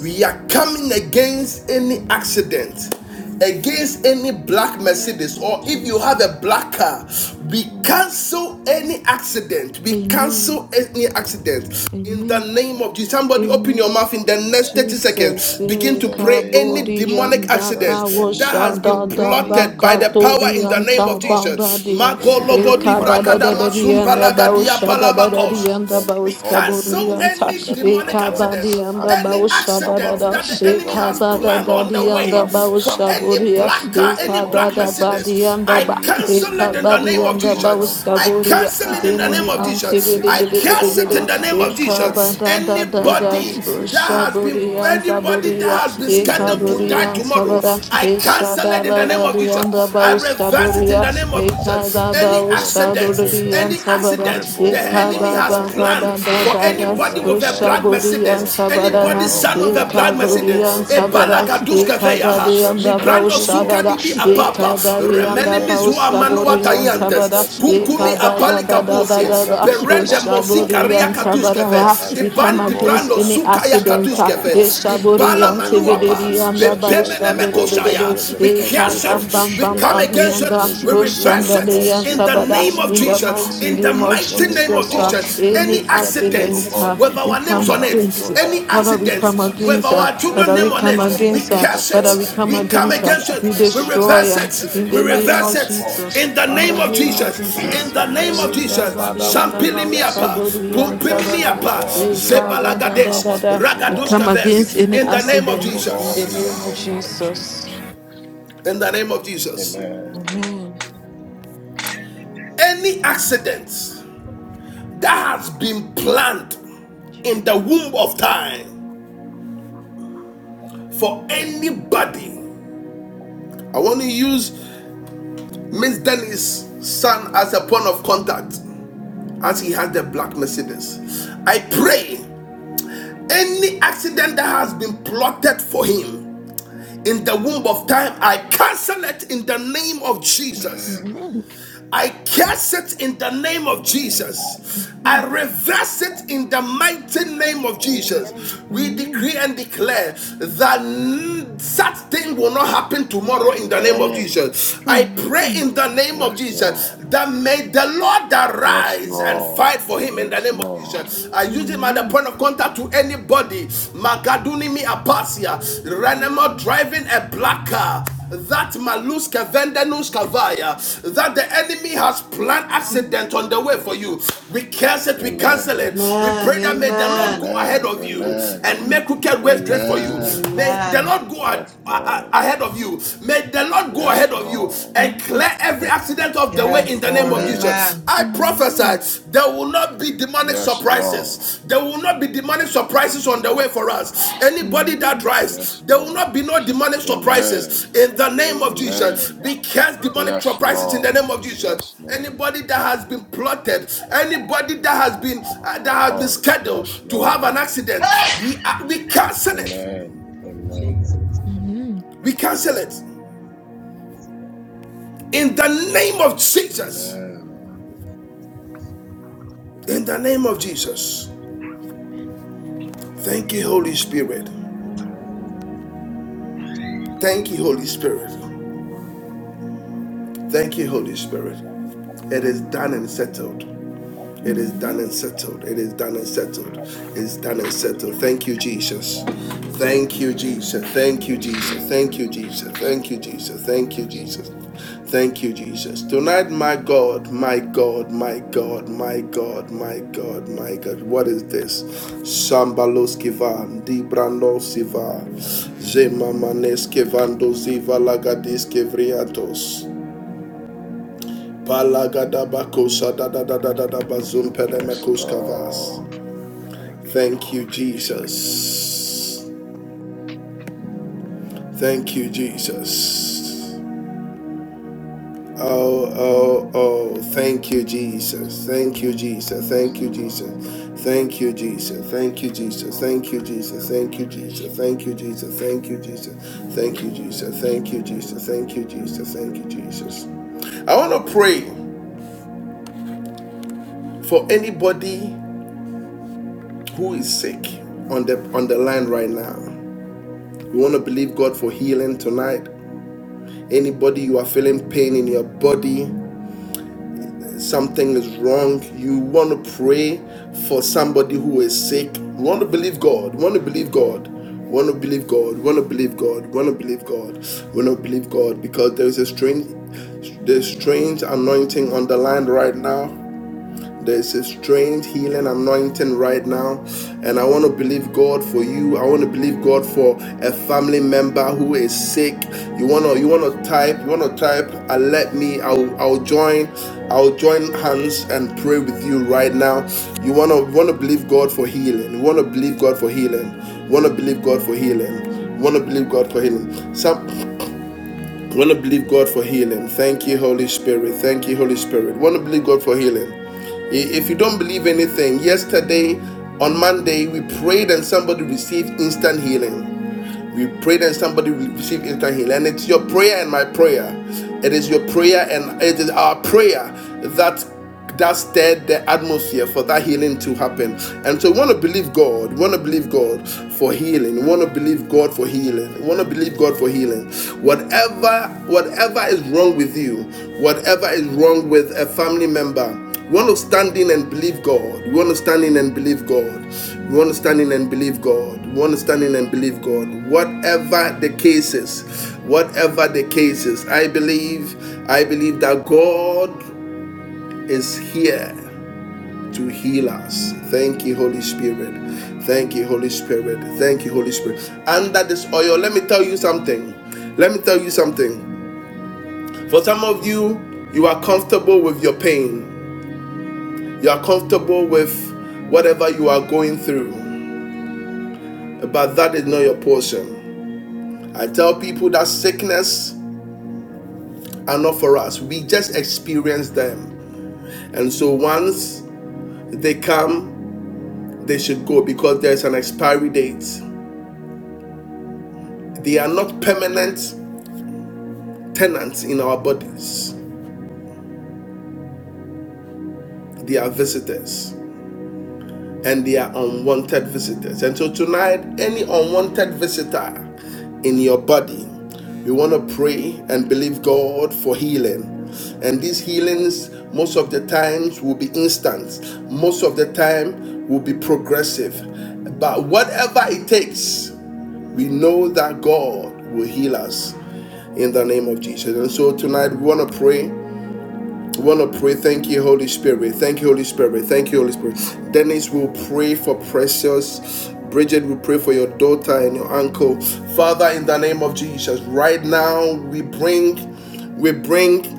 We are coming against any accident,
Yes,
against any black
Amen.
Mercedes, or if you
Jesus.
have a black car, we
Mm.
cancel any accident. We
Amen.
cancel any accident. In the
Amen.
name of Jesus, somebody open your
Amen.
mouth in the next 30 seconds.
Jesus,
Begin
In
eh,
Yes.
to
the
pray
name
any
of
kabodian
demonic
Jesus,
baba
accident
any
that has
arrow
been
woshanda da
plotted
released
by the
from the
power
pit
in the
of
bakatodian
Mhm.
hell,
name of
O Lord,
tabamba
Jesus.
dia,
any
eh, kada
premature
da da da
death
dian da
spirit, any
baushada
spirit
da
of
da dian da
accident,
We
O Lord,
cancel
bauskabodian
released
ta,
from
any
the pit
eh,
of
demonic
hell
accident,
kabadian da
any
against
baushada da
our
accident
da,
that
Mhm.
the
yourself,
eh,
enemy
your
has
people, O
kabada
planned
da
on
Lord,
the
dian
way
da
Father, we
for
come
any
baushaboria,
against in
black
the
car,
Yes,
eh,
name
any
of
black
kabada
hallelujah,
Mercedes.
people
Jesus.
badian
God.
da
I
ba,
Any
eh,
Father,
cancel it in
accident,
the
O
cancel it
name
Lord,
of
kabadian
today,
da
God, in the
program
Jesus.
for a
I
mighty name of
black
bauskaboria,
cancel
Jesus.
it
car
in the
or
Father,
a
name
enini
in
of
an
black
Jesus.
accident, oh
antibidi
I
Mercedes,
bidi
God.
O
bidi
Lord,
cancel it
Father,
in
bidi,
for
the
bidi.
Father,
name
eh,
anyone,
of
this
God, driving
Jesus.
a
tonight.
kabada
black
da
people,
We
oh
da da
God,
run
Anybody
Father,
that
cancel it
has been
today, Lord.
Shaburian
anybody
In
that
the
Saburia,
has been
in
the
the
scheduled to
mighty
name
die
Ekaburian
name of
tomorrow,
Sabara,
Jesus.
I cancel it in the name
Eshadabara,
of
Dianda
Jesus. I
Baus
reverse it in
Saburia,
the name of Jesus. Any
Blessed
Ekadabau
accident
Holy
accidents,
Spirit,
Shaburian
any
Sabara,
accidents the
Rebo
enemy
Ekababa
has
Wandara,
Yes,
planned
oh
Bada
God,
da
in
for
da
an
da,
Rebo
anybody
accident,
with
oh
a
God.
Wandara,
black
Ushaburian
the
Mercedes,
Anyone,
Sabara,
oh
Spirit
anybody's
God, in
of
son
the
the
with a black
Living
Mercedes,
Ekaburian
God,
a
in the
block,
Sabara,
name
oh
of
balagaduska
God,
veyaha,
I
Jesus.
mi
Ekabadianda
Thank
cancel.
brando
Baus
you,
suka di
Holy
Shadada,
bi
Spirit.
apapa,
We
remeni
Ekabarianda
mi
reverse it,
Baus
zua
we
manua
reverse it,
Kaburian
we
Sabara,
tayantes,
reverse it, O
kunkumi
Lord.
apali
Ekabada
We
da da da
kabusi,
da
deprogram
da,
it, O
perende
Lord.
mosi
Father, we
Ushaburian
karia
run it
katuskefe,
Sabara, we
powerless. We
iban
come
di
roll
against
it
brando
back
any
to
suka
the
ya
accident.
sender,
uh,
O
katuskefe,
Lord. In
Eshaburi
the
ibala
and
name of
manuapa,
Tibidiri and the
Jesus. Thank
pempemene
Bausha
you,
de de de
Holy
de
mekoshaya,
Spirit.
we
de.
Thank
Eka
you,
cast
bam
it
Holy
bam
we
bam
come
bam
Spirit.
against
yanda.
We,
it, we
re- we
reverse
Oshanda de
it
yan
reverse
in
it,
the
O
sabada.
name
Lord.
of
In
We,
the
Jesus,
mighty
in
we
the
name of
mighty
cancel it,
name
O
of
Jesus, uh,
God.
Jesus.
We
any
Any
reject it, O
accident
accidents
uh,
God. We
with
we
our names
come
on it,
deprogram it, O
against. it.
any
Lord.
Father, we
In the
come
accidents with
against her.
accident
our children's
Father,
name
we
on
projected
it,
come
from the
we
against her.
pit of
curse
Father,
hell
we
it,
come
we
against
come
against
any
her.
against
black
it,
We
we
Mercedes,
destroy
reverse
her.
against
it,
In
any
we
the
black
name
car,
reverse
of
O God.
it
Jesus.
in the
In
name
Father,
the
of
name of
tonight
Jesus,
[clears throat]
in
Jesus.
we
the name of
intercede
Jesus.
Hallelujah.
and Father,
Body
we
and the
Sampili
reverse
Bausha,
it.
miapa,
body
We
and
pumpimi
reverse it,
Sabada.
O
Pumpiminiapa,
God.
We
We
come
run
da-
it
da- da- da-
Zebalagades,
da.
powerless, O
We
Lord.
come
We
against
Ragaduskaves,
any
in the name
deprogram
of
it, O
accidents in
Lord,
the
Jesus,
in the
name of
name of
Jesus.
Jesus.
in the name of Jesus.
Amen.
Amen.
Any accident that has been planned in the womb of time for anybody, I want to use Miss Dennis' son as a point of contact as he has the black Mercedes. I pray any accident that has been plotted for him in the womb of time, I cancel it in the name of Jesus.
Amen.
I curse it in the name of
Amen.
Jesus. I reverse it in the mighty name of Jesus. We
Mhm.
decree and declare that such thing will not happen tomorrow in the name of
Amen.
Jesus.
Mhm.
I
Mhm.
pray in the name of
Yes,
Jesus
Lord.
that may the Lord
Yes,
arise and
Lord.
fight for him in the
Yes,
name of
Lord.
Jesus. I use
Amen.
him as a
Mhm.
point of contact to anybody. Magaduni mi apasia. Renema
Mhm.
driving a black car that maluska vendenuska vaya that the enemy has planned
Mhm. Mhm.
accident on the way for you we cancel it we cancel
Amen.
it we
Amen.
pray that may the lord go
Amen.
ahead
Amen.
of you
Amen.
and make crooked way straight for you
Amen.
may the
Amen.
lord go a-
Yes, Lord.
ahead of you may the lord go
Yes,
ahead of you
Lord.
and
Mhm. Mhm.
clear every accident of the way
Amen.
in
Yes,
the name
Lord.
of jesus
Amen.
Amen.
i prophesy
Mhm. Mhm. Mhm.
there will not be demonic
Yes, Lord.
surprises. There will not be demonic surprises on the way for us. Anybody that drives,
Yes,
there will
Lord.
not be no demonic
Amen.
surprises
I
in
thank
the name
you,
of Jesus.
Amen.
We cast demonic
Yes,
surprises in the name
Lord.
of Jesus.
Yes, Lord.
Anybody that has been plotted, anybody that has been uh, that has been
Yes, Lord. Yes,
scheduled to have an
Lord.
accident, we uh, we cancel it.
Amen. Amen.
Jesus.
We cancel it in the name of Jesus.
Amen.
In the name of Jesus. Thank you, Holy Spirit.
Thank
Thank you, Holy Spirit. Thank you, Holy Spirit. It is done and settled. It is done and settled. It is done and settled. It's done and settled. Thank you, Jesus. Thank you, Jesus. Thank you,
Yes,
Jesus.
Lord.
Thank you, Jesus.
Yes,
Thank you,
Lord.
Jesus. Thank you,
Yes,
Jesus.
Lord.
Thank you, Jesus. Tonight, my God, my God, my God, my God, my God, my God. What is this? Sambaloskivan, Dibrandosiva, Zemamaneskevandoziva Lagadiskevriatos.
Yes, Lord. Thank you,
Thank you,
Holy Spirit.
Jesus. Thank you, Jesus. Oh, oh, oh. Thank you, Jesus. Thank you, Jesus.
Yes,
Thank you,
Lord.
Jesus. Thank you, Jesus. Thank you, Jesus.
Oh,
Thank you,
thank you,
Jesus. Thank you,
Holy
Jesus. Thank you,
Spirit.
Jesus. Thank you, Jesus.
Thank you,
Thank you, Jesus.
Holy
Thank you,
Spirit.
Jesus. Thank you, Jesus.
Thank
Thank you,
you, Holy
Jesus.
Spirit.
I want to pray for anybody who is sick on the on the line right now you want to believe god for healing tonight anybody you are feeling pain in your body something is wrong you want to pray for somebody who is sick you want to believe god you want to believe god you want to believe god you want to believe god you want to believe god you want to believe god because there is a strange the strange anointing on the line right now There's a strange healing anointing right now. And I want to believe God for you. I want to believe God for a family member who is sick. You wanna you wanna type, you wanna type, uh, let me, I'll I'll join, I'll join hands and pray with you right now. You wanna wanna believe God for healing. You wanna believe God for healing. Wanna believe God for healing. Wanna believe God for healing. Some I want to believe God for healing. Thank you, Holy Spirit. Thank you, Holy Spirit. I Want to believe God for healing. If you don't believe anything, yesterday on Monday we prayed and somebody received instant healing. We prayed and somebody received instant healing. And it's your prayer and my prayer. It is your prayer and it is our prayer that that stirred the atmosphere for that healing to happen. And so we want to believe God. We want to believe God for healing. We want to believe God for healing. We want to believe God for healing. Whatever whatever is wrong with you, whatever is wrong with a family member, you want to stand in and believe God. You want to stand in and believe God. You want to stand in and believe God. You want to stand in and believe God. Whatever the case is, whatever the case is, I believe, I believe that God is here to heal us. Thank you, Holy Spirit. Thank you, Holy Spirit. Thank you, Holy Spirit. Under this oil, let me tell you something. Let me tell you something. For some of you, you are comfortable with your pain. You are comfortable with whatever you are going through, but that is not your portion. I tell people that sickness are not for us. We just experience them. And so once they come, they should go because there's an expiry date. They are not permanent tenants in our bodies, they are visitors. and they are unwanted visitors. And so tonight, any unwanted visitor in your body, we want to pray and believe God for healing. And these healings, most of the times, will be instant. Most of the time, will be progressive. But whatever it takes, we know that God will heal us in the name of Jesus. And so tonight, we want to pray we want to pray. Thank you, Holy Spirit. Thank you, Holy Spirit. Thank you, Holy Spirit. Dennis will pray for precious. Bridget, we pray for your daughter and your uncle. Father, in the name of Jesus, right now we bring, we bring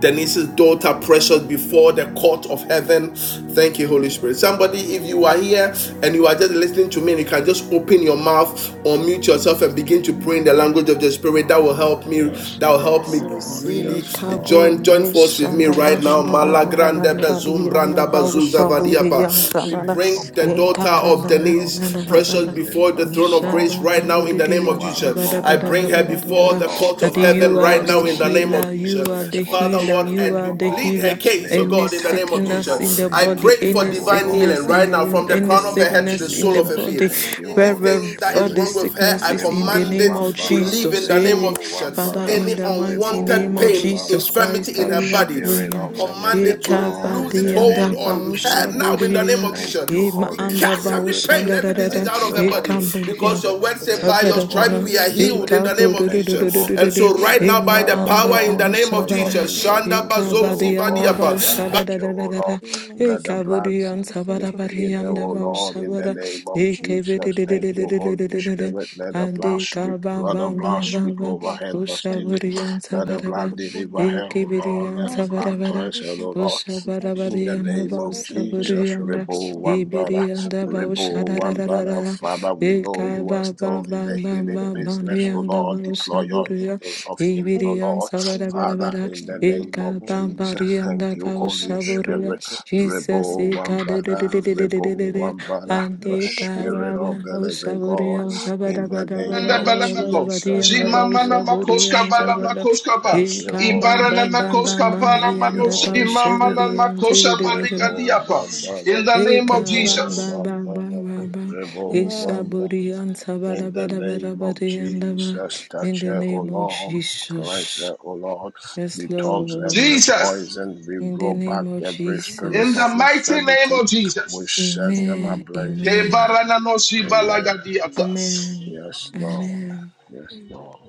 Denise's daughter precious before the court of heaven. Thank you, Holy Spirit. Somebody, if you are here and you are just listening to me, and you can just open your mouth, or mute yourself, and begin to pray in the language of the Spirit. That will
Oh,
help me.
yes,
That will help me
Lord.
Sisi
really
Yes, Lord.
join
tabu
join force with
yesha
me
da da
right
da
Yes,
now.
da da da da
Lord.
da
Malagrande
da da
Rebo
di
bezum
and
yanda
branda
bau
Vara,
bazuza
shabu
Father,
di
thy
yanda
vadiapa.
word
We
da
says,
da
bring the
Upon
ye ka
daughter
Mount
da
of
da da
Zion
da da
there
Denise
da da
shall
da
be
Precious
da
before the
deliverance, O
throne of
Usha
grace
ba
Lord.
right
ta
now in
di
the
di
name of
You are
yanda
the
ba
Jesus.
da
I
Lord
ba da
that
bring
ba
her
da ba
healed
da
thee,
ba
O
before
da
the
Lord.
court
that
of
Father,
you
heaven
you
right
are
are
now
the
in
still
the name of
healer
healing
Jesus.
you are
business,
the
Holy
Father,
healer
Lord,
you
Spirit,
and we
are
O
the
Lord.
plead her
healer
May
case, oh
any
you
God, in the name
touch,
of
O
sickness in
Lord.
Jesus.
the
May
I
you
body
pray
heal
for
it,
any
O
divine
God.
healing
sickness in
right
the
now
In
womb
from the
the
any
crown of
name
her
of
head to the
sickness in
sole
the
of
Jesus.
her
body
feet.
Thank you, Holy
wherever
Anything that is
Spirit.
the
wrong with her,
sickness
I
is
Mhm.
in
Mhm.
the
command
Rebo
name
it
of
to
Our
Wambara,
leave
safety
in
Jesus.
the
is
name
Hey,
of
Rebo
Jesus.
Father,
Wambara,
hereby
Any
in the mighty
restricted
Rebo
unwanted
name of
to
pain,
Wambara.
Jesus Christ
infirmity in
that
The
her
that
we are
body,
precious is
Spirit
I
praying.
of
healed.
the
command
Our
it
living
to
precious
God,
blood
lose
in
its
the
Ekabade
is
hold
anda
name of
on her
baosha
diamond
now in
in
the
Jesus.
name
bodia,
of
Jesus'
Thank you,
Jesus.
ema
We
Holy
name.
anda
cast every
Spirit.
baosha
Our
pain,
da da
every
da
healing
da,
disease
is
Thank
out
the
of
you,
her
blood of
body
Holy
ekambodiya,
because
Jesus.
your
Spirit.
word said,
Thank
By your
you,
sabada
We
stripes
bada.
bring
Holy
we
your
are
daughter
healed
Spirit.
in the
to
name of
Thank you,
Jesus. And
Holy
Ikabududududududu.
you
so,
We
right
Spirit.
now,
pray for
by
Ima
the
Father, O
anda
power in the
Lord,
name of
deploy your
we
baushabara.
Jesus,
pray
angels
for
Shanda
to heal
him.
Bazo
her, O
Ikabadi anda
God.
Father,
Let them
when the
Zivadiapa,
touch her, O Lord.
baushadadadadada.
demon
Let
was
the blood
Ikabudi
s-
anda
sent to
lead- heal
barabari
her,
anda
O Lord, in the
him, and
baushabara.
name of
has
Jesus. Thank you, Holy
Ikevididididididididididididu.
Spirit. Let
to
the
be
blood
the
Andi
speak. Let the blood
priest
speak
of
kabababababa.
over
all,
her
and he
destiny.
Ushaburi
put
anda
Let the
it
baraba.
blood
before you,
deliver
Lord.
her, O
Ikibidi
Lord.
We
Let the
anda
answer that
blood
we
barabara.
cleanse
give
her, O
him
Lord.
an
In
extra
Ushabarabari
the
anda
name
things,
of
Father. We bring
baushaburi
your
Jesus,
to
Brianda,
Rebo
the
Wamba
Iberianda
Father, not
Rebo Wambara,
Baushadadadadada,
Lord.
Father, we know
When
Eka
God
you are
ba
was
ba
still
being
in
ba
the
tested
ba
by
healing
the
ba ba
enemy,
business,
five
O
Brianda
Lord. Deploy your
forces
Baushaburia,
angels of healing,
and
O
you
Iberian
Lord.
and
Father,
Sabadabadabada,
the
in the
miracles
name
Eka
of
for
ba
him.
ba
Jesus, thank
Brianda
you,
The father
Holy
five different
Baushaburia,
Spirit.
miracles
Jesus
you
Rebo
Eka de de de de
Wambara,
de de de de de
Rebo
had
de,
been
Wambara,
and
facing,
the
whatever
Eka
ailments
Spirit
ba
that
of
ba
the living God,
Baushaburia,
the Lord
in
brought
the
down of
name
the
Anda
of
Sabadabadabadabadabada,
balamako,
as
Jesus,
Brianda
manifested
thank you,
jimamana
Holy
Baushaburia,
makoska
in their
Spirit.
life,
Sabadabada.
balamakoska ba,
Thank
you
you,
Eka
pray
ba
Holy
ibarana
ba ba
Spirit.
ba
makoska
ba
and your
Thank you,
healing
Brianda
palamanos,
will
Holy
speak
imamana
for
Spirit.
them.
makosa
Baushaburia,
Your
Rebo
baligadiapa.
healing
In
Vandana,
the name
Eka
will
of
ba
Rebo
speak
ba
Jesus,
ba ba
Vandana,
ba
for them.
ba,
Rebo
you,
Amen.
Lord.
Vandana.
Isaburi anta ba da
In
Thank
the
ba
you,
da ba da ba
name
Ekababababaraba,
of Jesus,
Isaboriantabarabarabarabariandaba. In
touch
the
her, O
name of
Lord. Cleanse
Jesus.
her, O Lord.
Yes,
Detox every
Lord.
Jesus,
poison. We
In the
roll back
name of
every
in
spirit
Jesus.
the
of
mighty name
infirmity.
of
We
Jesus,
set
Thank
them
you,
Amen.
Amen.
ablaze.
Amen.
Amen.
kebarana nosi
Amen.
balagadiatas.
Amen.
Yes, Lord.
Amen.
Yes, Lord.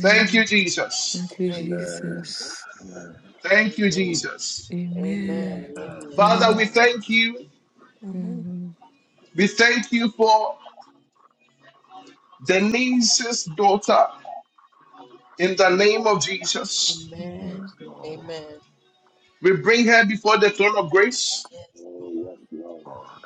Thank you, Jesus.
Thank you,
Thank you,
Amen.
Jesus.
Jesus.
Amen.
Thank you,
Amen.
Jesus.
Amen.
Amen.
Amen.
Amen.
Father,
Amen.
we
Amen.
thank you.
Amen.
Mhm.
We thank you for Denise's daughter in the name of Jesus.
Amen.
Amen.
Yes, Lord.
Amen.
We bring her before the throne of grace
Yes,
Oh, yes, Lord.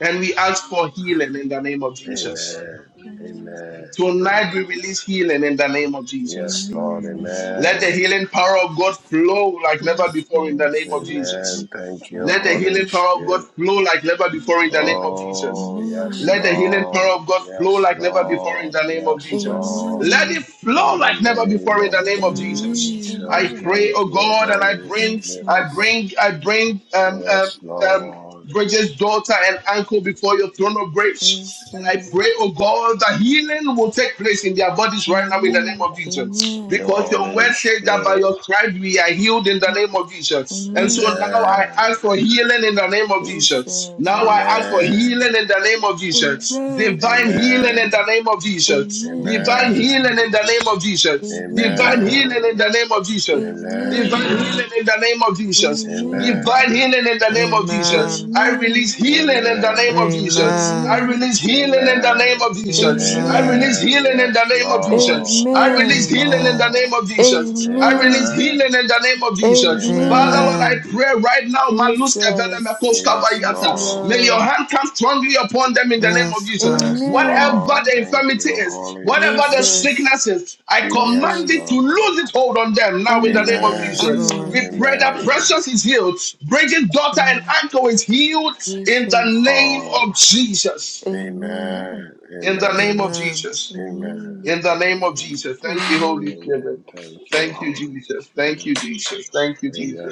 and we ask for healing in the name of
in
Jesus.
your
Amen.
name,
Amen.
Jesus.
Amen.
Tonight
Amen.
we release healing in the name of
Yes,
Jesus.
Lord.
Amen.
Let the
Amen.
healing power of God flow like never before in the name of
Jesus.
Jesus.
Amen. Thank
Amen.
you,
Let the
Holy
healing
Amen.
power of God
Spirit.
flow like never before in the name of Jesus.
Oh,
Amen.
yes,
Let
Amen.
the healing power
Lord.
of God flow
Yes,
like never before
Amen,
in
Lord.
the name of
Yes,
amen,
Jesus.
yes,
Lord.
Amen.
Let
God.
it
Amen.
flow
In the
like never
name
before in the
of
name of
Amen, yes,
Jesus.
Amen.
I
Jesus.
Lord.
Amen.
pray,
Thank
oh
you,
God, and I
Holy
bring,
Spirit.
I
Jesus.
bring, I bring um, um,
Yes,
um,
Lord.
Bridget's daughter and uncle before your throne of grace. And I
Jesus.
pray, oh God, that healing will take place in their bodies right now in the name
Amen.
of Jesus.
Thank you,
Amen.
Because your
Holy
word
Amen.
says that by
Spirit.
your stripes we are healed in the name of Jesus. And so so
Amen.
now I
Amen.
ask for healing in the name of Jesus.
Jesus.
Now I ask for healing
Amen.
in the name of Jesus.
Amen.
Divine healing in the
Amen.
name of Jesus.
Amen.
Divine
Amen.
healing in the name of Jesus.
Amen.
Divine healing
Amen.
in the name of Jesus.
Amen.
Divine
Amen.
healing in the name of Jesus.
Amen.
Amen.
Divine healing in the name of Jesus.
Amen.
I release
Amen.
healing in the name of
Amen.
Jesus. I
Amen.
Amen.
release healing in the name
Amen.
of Jesus. I
Amen.
release
Amen.
Amen.
healing in the
Yes,
name of Jesus.
Lord.
I
Yes,
release
Amen.
healing in the
Amen.
name
Lord.
of Jesus. I release
Amen.
healing
Amen.
in the name of Jesus. Father,
Amen.
Lord, I
Amen.
Amen.
pray right now, Maluska Vele
Jesus.
Mekoska
Yes,
Yes,
Vayata. may
Lord.
your
Lord.
hand come strongly upon them in the name of
Yes,
Jesus.
God.
Yes,
Amen.
Whatever
Lord.
the
Thank
infirmity
you,
is,
Holy
whatever the
Spirit.
Jesus,
sickness is, I
Yes,
command it
Jesus.
to
Lord.
lose its hold on them now in the name
Amen,
of
Yes,
Jesus.
Amen.
Lord.
amen.
We pray that
Amen.
Precious is healed, Bridget, daughter, and
Amen.
uncle is healed in the
Jesus,
name
Oh,
of Jesus.
amen,
amen.
In the
Amen.
name of
Amen.
Jesus.
Amen.
amen,
In the name of
Amen.
Jesus. Thank you, Holy
amen,
Spirit.
Amen. Thank you,
Thank you,
Holy
Jesus. Thank you,
Spirit.
Jesus. Thank you,
Amen.
Jesus.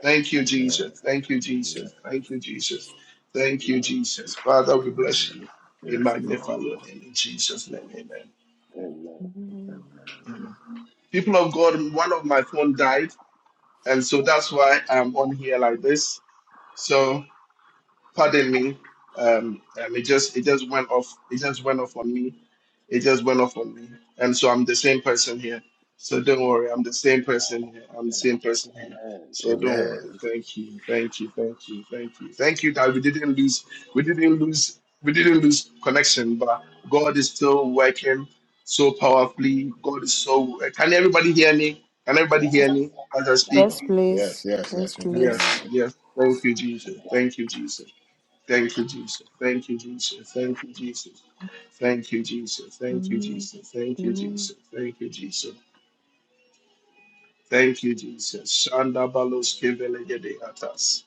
Thank you, Jesus. Thank you,
Amen.
Jesus. Thank you, Jesus. Thank you, Jesus. Father, we bless you.
Amen.
We
Yes,
magnify
Lord.
your name in Jesus' name. Amen.
Amen.
amen.
Amen.
Amen. People of God, one of my phone died, and so that's why I'm on here like this. So. Pardon me. Um, um, it just it just went off. It just went off on me. It just went off on me. And so I'm the same person here. So don't worry. I'm the same person here. I'm the same person here. So don't worry.
Amen.
Thank you. Thank you. Thank you. Thank you. Thank you that we didn't lose. We didn't lose. We didn't lose connection. But God is still working so powerfully. God is so. Can everybody hear me? Can
Yes.
everybody hear me as I speak?
Yes,
Yes,
please,
yes,
yes,
yes, we can
please.
Yes.
hear
Yes. Thank you, Jesus. Thank you, Jesus. Thank you, Jesus. Thank you, Jesus. Thank you, Jesus. Thank you, Jesus. Thank you,
Amen,
Jesus. Thank you, Jesus.
amen.
Thank you, Jesus. Thank you, Jesus. Shanda baloske velegede atas.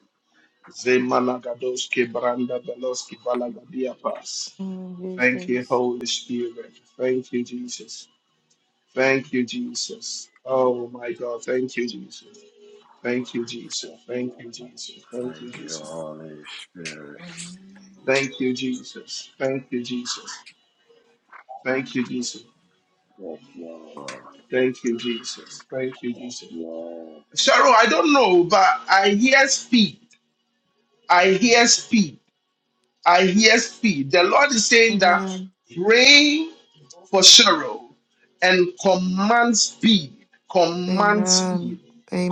Zemalagadoske branda baloski valagadia pas.
Oh,
Thank you,
Jesus.
Holy Spirit. Thank you, Jesus. Thank you, Jesus.
you.
Oh my God. Thank you, Jesus. Thank you, Jesus.
Yes,
Thank
Lord.
you, Jesus. Thank you,
Thank you,
Jesus.
Holy Spirit.
Thank you, Jesus. Thank you, Jesus. Thank you, Jesus.
Yes, Lord.
Thank you, Jesus. Thank you, Jesus.
Lord.
Cheryl, I don't know, but I hear speed. I hear speed. I hear speed. The Lord is saying that
Amen.
pray for Cheryl and command speed. Command
Amen.
speed.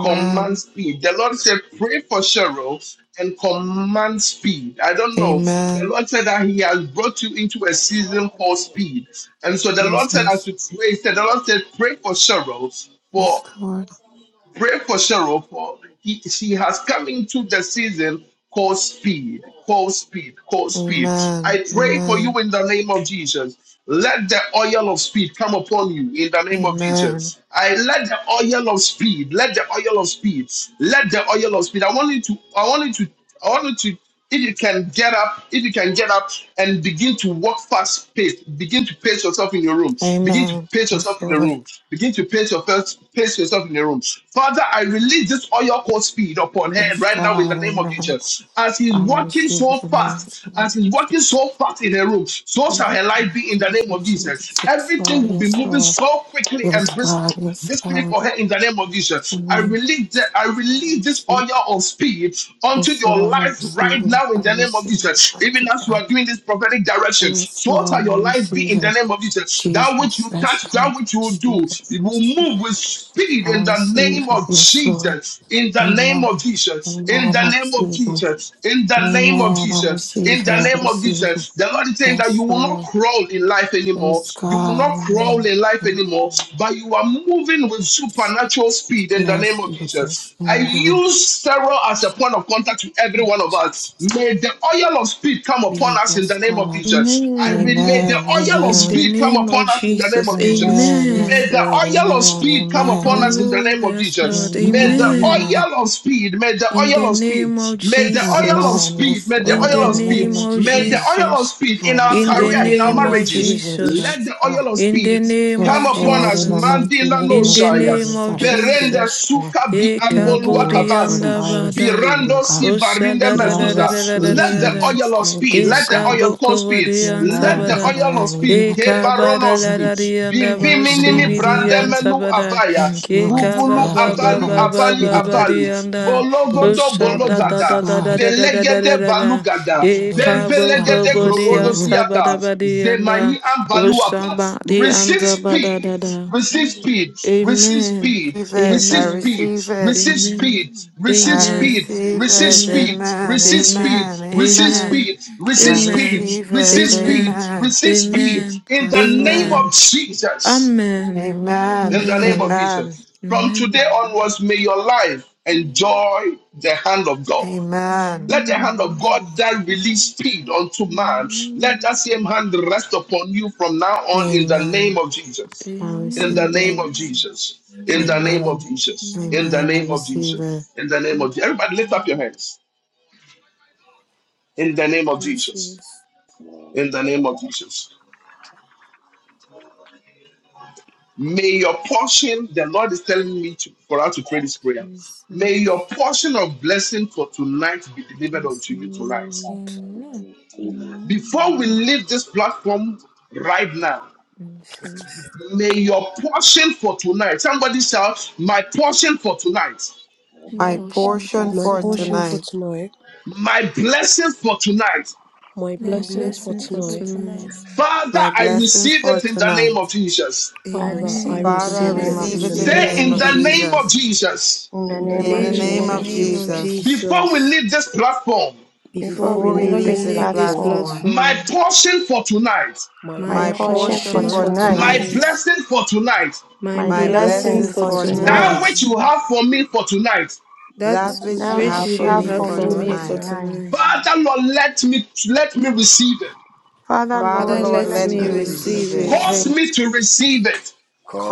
Command speed. The Lord said, pray for Cheryl and command speed. I don't know. The
Amen.
Lord said that He has brought you into a season for speed. And so the Lord said, as
Jesus.
you pray, he said, the Lord said, pray for Cheryl
Yes,
for."
Lord.
Pray for Cheryl, for he, she has come into the season called speed, called speed, called speed.
Amen.
I pray for
Amen.
you in the name of Jesus. Let the oil of speed come upon you in the name of
Amen.
Jesus. I let the oil of speed, let the oil of speed, let the oil of speed. I want you to, I want you to, I want you to if you can get up, if you can get up and begin to walk fast pace, begin to pace yourself in your room, begin to
Amen.
pace
Yes,
yourself in the
Lord.
room, begin to pace yourself, pace yourself in the room. Father, I release this oil called speed upon her
Yes,
right now in
God.
the name of
Amen.
Jesus. As he's
Father,
walking
receive
so
it in the mighty
fast,
name
as he's
of
walking
Jesus.
so fast in her room, so shall her
Jesus,
life be in the name of
Jesus,
Jesus.
Jesus. yes, Lord,
Everything will be
yes,
moving
Lord.
so quickly and
Yes, God,
brisk
yes,
this spirit
God,
for her
yes,
in the name of Jesus.
in the
I
name
release that
is
I release this
God.
oil of speed
And
onto
so I
your
will
life
receive
right
it.
now
I
in the name of
receive it,
Jesus. Even
mighty
as you
God.
are doing this prophetic direction,
Yes,
so shall
Lord, I
your life be
receive
in the
it.
name of Jesus. That which
Jesus,
you
yes,
touch,
God,
that
I
which you will do,
receive it.
it
I
will
receive it.
move with speed
I
in the
receive
name
it.
of
Yes, Lord.
Jesus. In the name
Amen.
of Jesus. In
Amen.
the
I
name of
receive it.
Jesus. In the name of
Amen. I
Jesus. In
receive it.
the
I
name of
receive it.
Jesus. The Lord is saying that you
Yes,
will not
Lord.
crawl, down in life anymore.
Yes,
You will
God.
not crawl
Amen.
in life anymore,
Amen.
but you are moving with
Yes,
supernatural speed in the
yes,
name of
Jesus.
Jesus. I
Amen.
use Sarah as a point of contact to every one of us. May the oil of speed come upon
be.
us in
Yes,
the name of
God.
Jesus. I
Amen.
mean, may the
Amen.
oil of
In the
Amen.
speed come
name of
upon us in the name
Jesus,
of Jesus.
Amen.
May
amen.
Yes,
the
Lord.
oil of
Amen.
speed come
Amen.
upon us
Amen.
in the
Oh,
name of
yes, Lord,
Jesus. May
Amen.
the
amen.
Amen.
oil of speed, may the
In
oil
the
of speed,
name of
may the oil of
Jesus.
Amen.
speed speed,
Yes,
may the
Lord.
In
In
the
oil of
the
speed,
name
name
of
of
may the
Jesus.
oil of
Jesus.
speed
I
in our
In the
receive
career, in
it.
our
I
name of
receive
marriages,
it.
Jesus.
let
Yes,
the
God.
oil of
In the
speed
name
come
of
Yes,
upon
Lord.
us.
In the
Jesus.
mighty
Mandila no
name
In
of
the
shaya,
name
Jesus.
of
I receive
berenda
it,
Jesus.
Lord.
suka bi
E
Thank you,
ambolua
Lord,
kabodi
for the
kabasi,
anda
island
bada.
speed, oh
birando si
God.
Osa
varinda
da
The
da da da
island
mezuzah.
da da da
speed,
da
Let
da
the
da.
Jesus.
oil of
Thank
speed,
you,
E
oh
let the
God.
oil call
saboko
speed,
wadi anta
let
Amen.
the
Amen.
bada.
oil of speed,
E
Amen.
kabada la
kebaronoski,
da di anda
bimbi
ba usi
minimi
Amen.
bidi
brande
Amen.
anta
brandemenu
bada.
avaya,
Thank you,
E
mighty
kaba
bubulu
God, for
ba ba
your
abali
ba
own
abali.
ba
Abali
ba
speed.
ba di
Abali,
anda.
Yes,
Bologodo
Osa
Lord,
da da
yes,
da
Bologada,
da da
God.
da da da da da
Belegede
da da.
Balugada,
E
Amen. Yes, God,
kaboko
I
Pempelegede
wadi
receive
anta
it.
bada
Krogodosiata,
badi anda.
Zemai Ambaluapa.
Oshabadi
Amen. Amen. Amen. Amen. Amen. Amen. Amen. Amen.
Receive
anda
speed,
badadada.
receive speed, receive
Amen.
speed,
Receive it,
receive
I
Amen.
speed,
receive it.
receive
Amen.
speed, receive
I
Amen.
speed,
receive
receive
it.
Amen.
speed,
Amen,
receive speed,
Amen.
amen,
receive
amen.
Amen.
speed,
I
receive
Amen.
speed,
Amen.
receive
receive
it.
speed,
Amen.
Amen.
Amen.
receive speed
Amen.
in the
Yes,
name
Lord.
of Jesus.
Amen.
In
Amen,
the
Amen.
name
Amen. Amen. Amen.
of
amen,
Jesus. From today onwards, may your life enjoy the hand of God.
amen,
Let the hand of God that release speed unto man, let that same hand rest upon you from now on in the name
amen.
of
Amen.
Jesus.
I
In the
receive
name
Amen.
it.
of
Amen.
Jesus. In the name of
Amen,
Amen.
Jesus. In
Amen.
the
amen. I
name of
receive
Jesus.
it.
In the name of Jesus. Everybody lift up your
Amen.
hands. In the name of Jesus.
Jesus.
In the name of Jesus. May your portion, the Lord is telling me to, for us to pray this prayer. May your
Jesus.
portion of blessing for tonight be delivered
Yes,
unto you tonight.
Lord
And I receive it.
Before we
Amen.
leave this platform right now,
Jesus.
may your portion for tonight, somebody shout, My portion for tonight,
My
My
My
My
My
portion.
prayer
portion for
portion
portion
My
for
for
for
tonight-
portion
tonight.
for
tonight.
tonight,
tonight,
my blessing for tonight.
my
My
my
my
blessings for
blessing
blessings
for
blessing
for
tonight,
for
tonight.
tonight.
tonight,
Father,
My
I
blessings
receive
for
it in the name of
tonight.
Jesus.
I
Father,
Father,
I
receive
Father,
I
it
Amen.
I
Father,
in
I
the
Father,
receive
receive
name
I
Receive
it
it
of
in
it
receive
in
receive
the
in
the
it
it
the
in
receive
name
the
Jesus.
in
Say
it
name
the
of
name
name
in
of
of
the
name of
today
name
Jesus.
of
Jesus.
Jesus.
Jesus.
Jesus,
In the
In
In
in
the
In
the
the
the
name
In
of
the
name
name
name
of
in
name
name
of
the
of
of
of
Jesus.
name
Jesus.
of
Jesus,
Jesus,
Jesus,
Jesus.
before we
Jesus.
leave this platform,
The
Before
before we
we
before we
fool
before
leave
Before
leave
we
we
we
leave
this
this
live
this
leave
leave
this
this
platform,
without.
platform,
platform,
my
platform,
platform,
portion for tonight.
my
my
my
my
My
my
portion for
portion
portion
for
portion
portion
for
portion
for
tonight,
for
for
tonight.
tonight,
my
tonight,
tonight,
tonight,
blessing for tonight,
my
my
my
my
my
My blessing
blessing
blessings
blessings
blessings
for
for
for
for
blessing for
tonight,
tonight.
that
tonight,
tonight,
Tonight.
tonight,
which you
tonight,
have for me for tonight,
Thou
that
That
that
That
that
which you
which
now
which
you
have
have
have
you
which
you
for
for
for
you
me
have
me
will
have
for
me
for
have
be
for
for
me
for
for
tonight,
for
me
me
for
for
tonight.
tonight,
tonight.
tonight.
tonight,
Father Lord, let me let me receive it.
Father
Father
So
Father,
Father,
Father,
Lord,
Lord,
Lord,
Lord,
let
let
let
let
let
let
me
me
me
me
me
and
me
receive
receive
it.
receive
receive
it.
have
receive
it.
receive
it.
Cause
it.
it.
me to receive it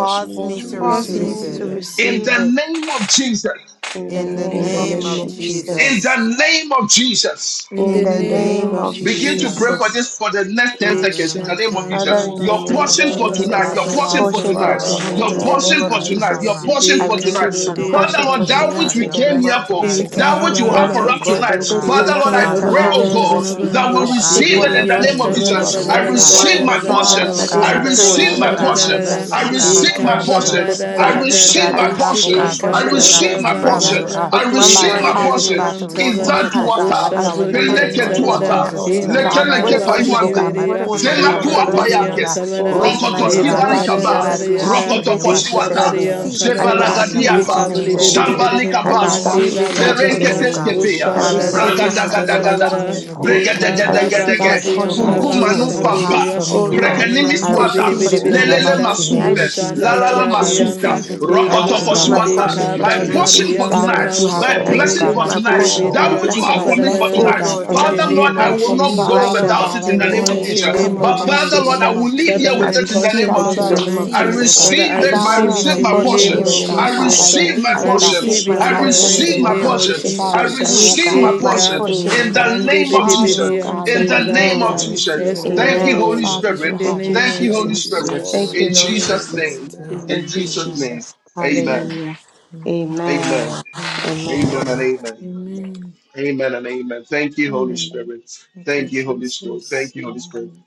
Cause
peace
me
me
Cause
to
to
me
me
bless
to
Cause
me
to
Cause
me
receive
receive
me
it.
to
receive
to
receive
it.
to
it.
it
you.
in
receive.
the
receive it
name of Jesus.
in
in
the
In
the
In
In
the
the
the
In
name
the
of
name
name
of
name
name
name
of
of
of
of
Jesus.
In
Jesus.
Jesus.
Jesus,
Jesus.
Jesus.
the name of Jesus.
In
In
In
the
In
the name
the
the
in
In
the
the
In the
name
name
name
name
of
name
of
of
of
of
name
of
of
Begin
Jesus.
Jesus.
to
Jesus.
pray
Jesus.
Jesus,
Jesus.
for
Jesus,
this for the next 10
Father, in
seconds
the
in the
Yesha
mighty
name of
name of
Father,
kaba
Jesus.
in
da
the
Your
Jesus, oh
name
da
God.
of
portion
da
for
Father
da da
Lord.
Lord,
da
tonight,
Jesus,
your
let
Father,
da
my
my
my
da
portion
cause
for
da
me,
portion
oh
portion
for
da
for
Father,
da
tonight,
God,
oh
to
your
tonight, in
da
tonight
the
da
Lord,
not
receive,
name
portion
da
be
of
for
Father,
God,
da.
to
I
missed.
tonight,
have
Jesus,
your
Let
I
my,
me
portion
I
speak
receive
for
my
receive
and I
it
Eka
tonight.
in
receive
the
portion,
my
Lord,
oh
budi
I
name
God,
Father
of
portion
for
Lord,
for
receive
antaba.
my
tonight.
that which
tonight,
Father,
Jesus.
we
in
your
prophecy
the
came
name of
here
tonight.
blessings, oh
for,
God, that you
I
Jesus.
Let
receive
have
that
my
Eka
for
which
not
you
me, oh
have
prophecy
That,
God,
for
for
O
baba.
tonight.
us
anything
God,
tonight,
tonight.
on
oh
I
this
God.
hinder
Father
it
fire
Lord,
in
receive
the
I
my
Eka
Father,
name
altar,
pray,
of
ba
blessings
cause
Lord
oh
me
ba
to
Jesus.
tonight.
ba
Jesus,
God,
receive
Father
ba
it
that
That
o
Lord,
I
now,
which
we
as
God, in
Lord
take
the
receive
you
Pray
it
what
in
that
shibiri
came
mighty
the
belongs
here
name
to
to
name
of
anta
every
of
ba da
me
Jesus.
ba
and
da
Jesus,
explore,
blessing,
I
oh
ba
what
one
that
O
da
is
God.
ba
which
da
receive
ba
my
people.
Lord,
mine.
da
Lord
We
ba da
you
ba
come
portion.
da
Father,
Father,
oh
After
ba di
together
God,
this
I
my
and
sight,
we
anda
O
ba
I
o
say,
prayer,
receive
can
portion, oh
my
Lord
God,
da
God,
submit
da
my
portion.
We
da
this
Jesus,
Father,
I
to
da
blessing,
you,
I
oh
receive
Lord.
receive
I
God,
breakthrough,
that
my
for
I
receive
which you
my
Eka
receive
have
tonight,
my
portion
oh
ba
God.
for
receive
in
portion.
da
us
my
this
for
fortune.
da
I
da
That
prayer.
portion
I
tonight
da
which,
in
oh
the
da
receive
I
God,
receive
you
my
tonight.
name
da
my
of
have, oh
receive
coffee.
portion.
my
I
God,
In the
for
Jesus.
Eka
receive
I
me,
portion
my
oh
ba
name
in
God, for
receive
of
ba
this
We
my
my
blessing
ba
for
family,
prayer
ba
portion.
oh
receive
Jesus,
our
ba
tonight.
God.
with
I
thank
my
you,
In
Father,
portions
receive
the
in
Eka
Holy
my
the
mind and
do
cause
name
me,
name
with
Spirit.
oh
of
di
of
heart
God,
portion
to
anta
for
Jesus.
ba
Jesus,
I
receive
one
da
Rebo
it,
izadu
oh
one
heart
o
receive
Monday
God,
my
the
wata
right
butter,
sha
as
now
we
in
bo
the
portion
blessing
di
to
pray
mighty
peleke
come
on
anta
name
in
on
rebo
ba
the
this
of
the
da
one
tuata
fire
Jesus.
day.
mighty
butter,
altar.
name
leke
of
Ema
Father, I
anda
Rabba
leke
rebo
ba
Whatever
o
one
Jesus.
yaka
receive, oh
butter.
God,
payuantes
blessings,
my
Monday the
ya
The
whatever
In the
my
portion, oh
boss,
God, my
Maka
zemakuwa
mighty
Eka
Spirit
portion
bo
name
of
is
Monday
the
di
blessing,
of
oh
the
God,
Jesus.
anta
Living
ba
payakes
Kapaya.
in
for
God,
da
this
In the
tonight, oh
I
rokotoski
prayer.
mighty
Rabba
God,
Eba
Lord
name
ka
that
of
da
which,
receive
oh
da
Kapande
valikaba
Jesus,
my
da
I
God,
the
you
di
Jesus.
Bana
have
anda
for
portion,
receive
me,
it
oh
every
in
God.
Kayande
rokotokoshi
the
Esha
I
ba
Jesus'
blessing
Blitz,
wata
di
that
name.
Sharuandaya
I've
receive
been
it,
[laughs]
I
oh
Kayande
Pasori
the
ba,
God, in
released
the
receive
Kapaya.
it
mighty
upon
jebalagadiapa
in
Ibikisite
ikabu
this
name
de
of
de
Jesus'
de
Monday
de
altar
de
name.
Jesus.
the
de
Yamandayama.
de
Shambalika
tonight,
I
Oh
Babus,
O
God,
Lord.
ande
baswa,
I
that
receive
Makayande
ba
which
the
you
it
ba
in
receive
have
Every
my
for
ba
Kapaya.
me,
Jesus'
oh
ba,
perenketes
portion,
name.
God.
O
prophetic
Rabba
kefeya,
Lord,
usha
I
word,
in
da
O
Father,
Baba
the
I
da da
name
Baba,
Lord,
di
receive
braga
of
my
receive it
daga
Mika
anta
in
Father.
the
ba
portion
da
daga
Jesus.
Monday
in
ba
da
the
mighty
da,
zebalagadiapa Shambalikabaswa, Perenketeskefeya,
We
Jesus'
name
Bragadagadagada,
of
boss,
I
call
thee,
name.
it
shall not
I
Kayande
Jesus.
ikaba
miss
into
the
ba
my
receive
That
my
ba
Kapaya.
Bregadegadegedege,
di
which,
existence,
portion
oh
in
O
the
I
portion
anda
God,
in
ba
you,
Lord.
mighty
oh
receive
I
Pumpumanu
name
my
Jesus'
of
Lord,
name.
have
receive
portion,
Pampa,
usaburiya,
I
for
my
Jesus.
me,
Oh
oh
receive my
God.
Lord,
imini
my
portion.
Sandori
blessing
Brekanimis
I
so
ante
Thank
portion
bidi
Wata,
far.
you,
receive
for
bidi
it in
Holy
bidi
the
Bisiamantayama.
tonight.
Lelele
anda,
mighty
Spirit.
May I
name of
Masupe,
Mandiribosa
usha
the
receive
da
la
Jesus.
Thank
la
da
it
you,
la
in
da
I
di
Holy
Jesus'
Masuta,
anda,
name.
receive it, oh
Spirit.
I
God,
ima
in
Rokotoko
Thank
receive
the
my
rabababababa,
you,
ande
Swata.
mighty
Holy
portion
name
for
of
My
kaba
Spirit.
Jesus.
ba
tonight in
portion
di
yakandiribosa
for tonight
That
Jesus'
anda
name.
which
ba
Yes,
you
tonight,
yakandiribo,
have
thy
for
I
me, oh
Lord.
blessing
God,
usaburiya,
receive
for
my
my
Yes,
tonight,
portion, oh
portion,
rabababa,
that
my
ibidi
the
God,
Lord.
which you
My
anta
have
my
ba
for
blessings.
da
me
In
ba
portion
for
da
the name of Jesus. In
blessing,
the
Oh
for
oh
tonight.
God,
Lord,
for
in
tonight.
the
Father,
that
tonight,
devotion,
Lord,
you
oh
name
My
God.
I
have
of
the
sitakandiribo.
will
for
name of
not
me
blessing
Thank
go
for
you
right
Father
Jesus,
for
oh
uh,
your
now.
without
God,
tonight,
it
I
in
in
the
O
the
benefit
name
Oh,
of
receive
Lord.
may
it,
tonight,
mighty
it
O
Lord,
Jesus.
come
name
in
Father,
the
I
of
Lord,
But
upon
Father,
mighty
me.
in
Lord,
Jesus,
the
I
receive
name
uh,
it
will
of
in
leave
spirit
the
Father,
here
in the
with
I
Jesus.
my
name
it in
name
the
of
of
portion
name
receive
of
for
it
Father,
in
I
the
Jesus.
Jesus.
name
Jesus.
of
tonight.
I
receive
Thank
uh,
it,
Jesus.
you,
oh God.
Father,
Holy
I
Rabababasa
receive
I
it, I
receive
Spirit.
Father,
receive
as
my
it
I
receive
in
my
yakandiribo,
the
leave
portion
I
name
portion.
the
in
here,
the
of
oh
Lord,
name
God,
of
I
in
receive
yakandiribo,
Father,
my
I
Jesus.
Jesus.
will
ah.
receive my
I
leave, oh
portion
I
God,
portion.
receive
receive
tonight,
mandiribo,
my
O
with
it
I
in
my
the
Lord.
portion in
receive
the
mighty
blessing,
Every
my
oh
name
yakandiribo,
name
of
God.
of
portion.
blessings
Jesus.
that
Father,
I
be
sitakandiribo,
the
Jesus.
that
I
ah.
you, oh
released,
receive
God,
my
O
receive
have
Eh,
my
Lord.
yakandiribo,
released
portion
to
portion
me,
Kabo,
oh
in
in
the
the
God.
the
name
and
of
de
name
secret
be
of
de
the
of
be
Father,
Jesus.
oh
de,
Jesus.
the
and
God, in
ta
the
In
Jesus,
sitakandiribo.
ba
the
mighty name of
name
Jesus,
of
I
Amen.
thank
Jesus.
receive
you,
it,
Yes,
oh God.
Thank
Holy
you,
Lord.
The
Holy
Lord.
Amen.
Father
In
which you
Spirit.
In
Spirit.
the
have,
Thank
oh
you,
name
Thank
Jesus'
God,
of
you,
for
mighty
Holy
my
Thank
Jesus.
you,
name.
Spirit.
parents,
Jesus.
Lord.
Thank
Holy
you,
In
Amen.
Lord
Jesus'
Spirit.
Amen.
Jesus.
name.
Amen.
Amen.
Amen.
In
Thank you,
Amen.
Jesus' name.
Jesus.
Amen.
Amen.
Amen.
Hallelujah.
Amen.
Amen.
Amen.
Amen.
Amen.
Amen and
Amen.
amen.
Amen.
Amen.
Amen and amen. Thank you, Holy
Amen.
Amen.
Spirit.
Thank you,
Thank you, Holy Spirit. Thank
Jesus.
you, Holy Spirit.
Amen.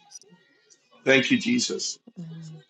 Thank you, Jesus.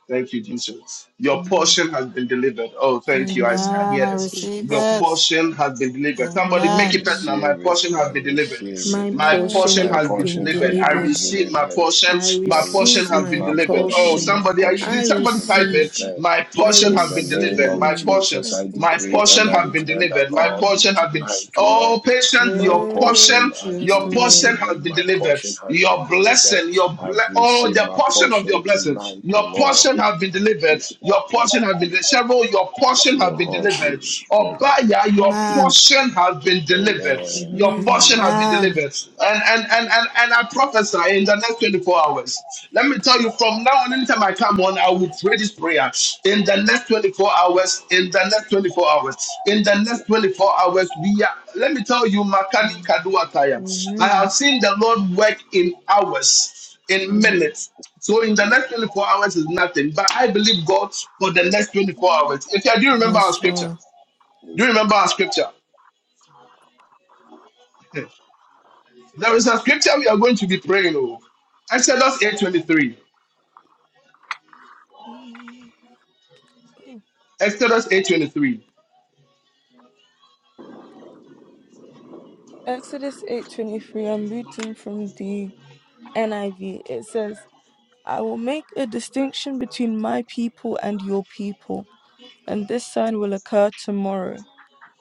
Thank you, Jesus. Your
Amen.
portion has been delivered. Oh, thank you. I, I
Amen.
Amen.
hear
I
Thank
this.
you,
receive
Your
it.
Jesus.
portion has been delivered. Somebody
I
make
Amen.
it
Amen.
personal. My
receive it.
portion
I
has been delivered.
receive it.
My
My
My
portion
portion
My
have
portion
has been
been
portion
has
delivered.
been
has
I
been
delivered.
delivered.
receive my
delivered.
portion.
I
I
My portion
receive
has
receive
I
been
my
my
delivered. Oh,
receive
portion.
my
portion.
My
somebody, I,
portion
portion
I
did
has
in
somebody
the
been
name
type
of
receive.
Jesus.
it?
delivered.
My
I
portion
In
has
the
been
name
receive
delivered.
My
of
My
my.
push
portion,
Jesus,
has
I
been
my
delivered
decree
portion
and I
has
and
been
I
declare
receive
that
delivered. My
Lord
Mm.
be
in
portion
the
has been
name
tonight, O
Oh,
Lord.
patient,
My
your
Oh,
portion
portion,
has
yes,
your
been
portion
Lord.
has
delivered.
been
My
delivered.
portion has
Your
been delivered.
blessing, your
I've
ble- oh,
received
the
my
portion of your
portion
blessing,
tonight, O
your
Lord.
portion has been delivered. Your portion has been several. Your portion has
Your
been
Holy
delivered.
Spirit.
Obaya, your
Amen.
portion has been delivered.
Amen.
Your
Amen.
portion has been
Amen.
Amen.
delivered. And and and and and I prophesy in the next twenty four hours. Let me tell you, from now on, anytime I come on, I will pray this prayer in the next 24 hours. In the next 24 hours. In the next 24 hours, we are. Let me tell you, Makani
Mm.
Kaduataya. I have
Amen.
seen the Lord work in hours, in
Mm.
minutes. So in the next 24 hours is nothing, but I
of
believe God for the next 24
Jesus.
hours. If you do you remember our
Yes,
scripture,
Lord.
do you remember our scripture? There is a scripture we are going to be praying over. Exodus 8:23. Exodus 8:23.
Exodus 8:23 I'm reading from the NIV. It says, "I will make a distinction between my people and your people, and this sign will occur tomorrow."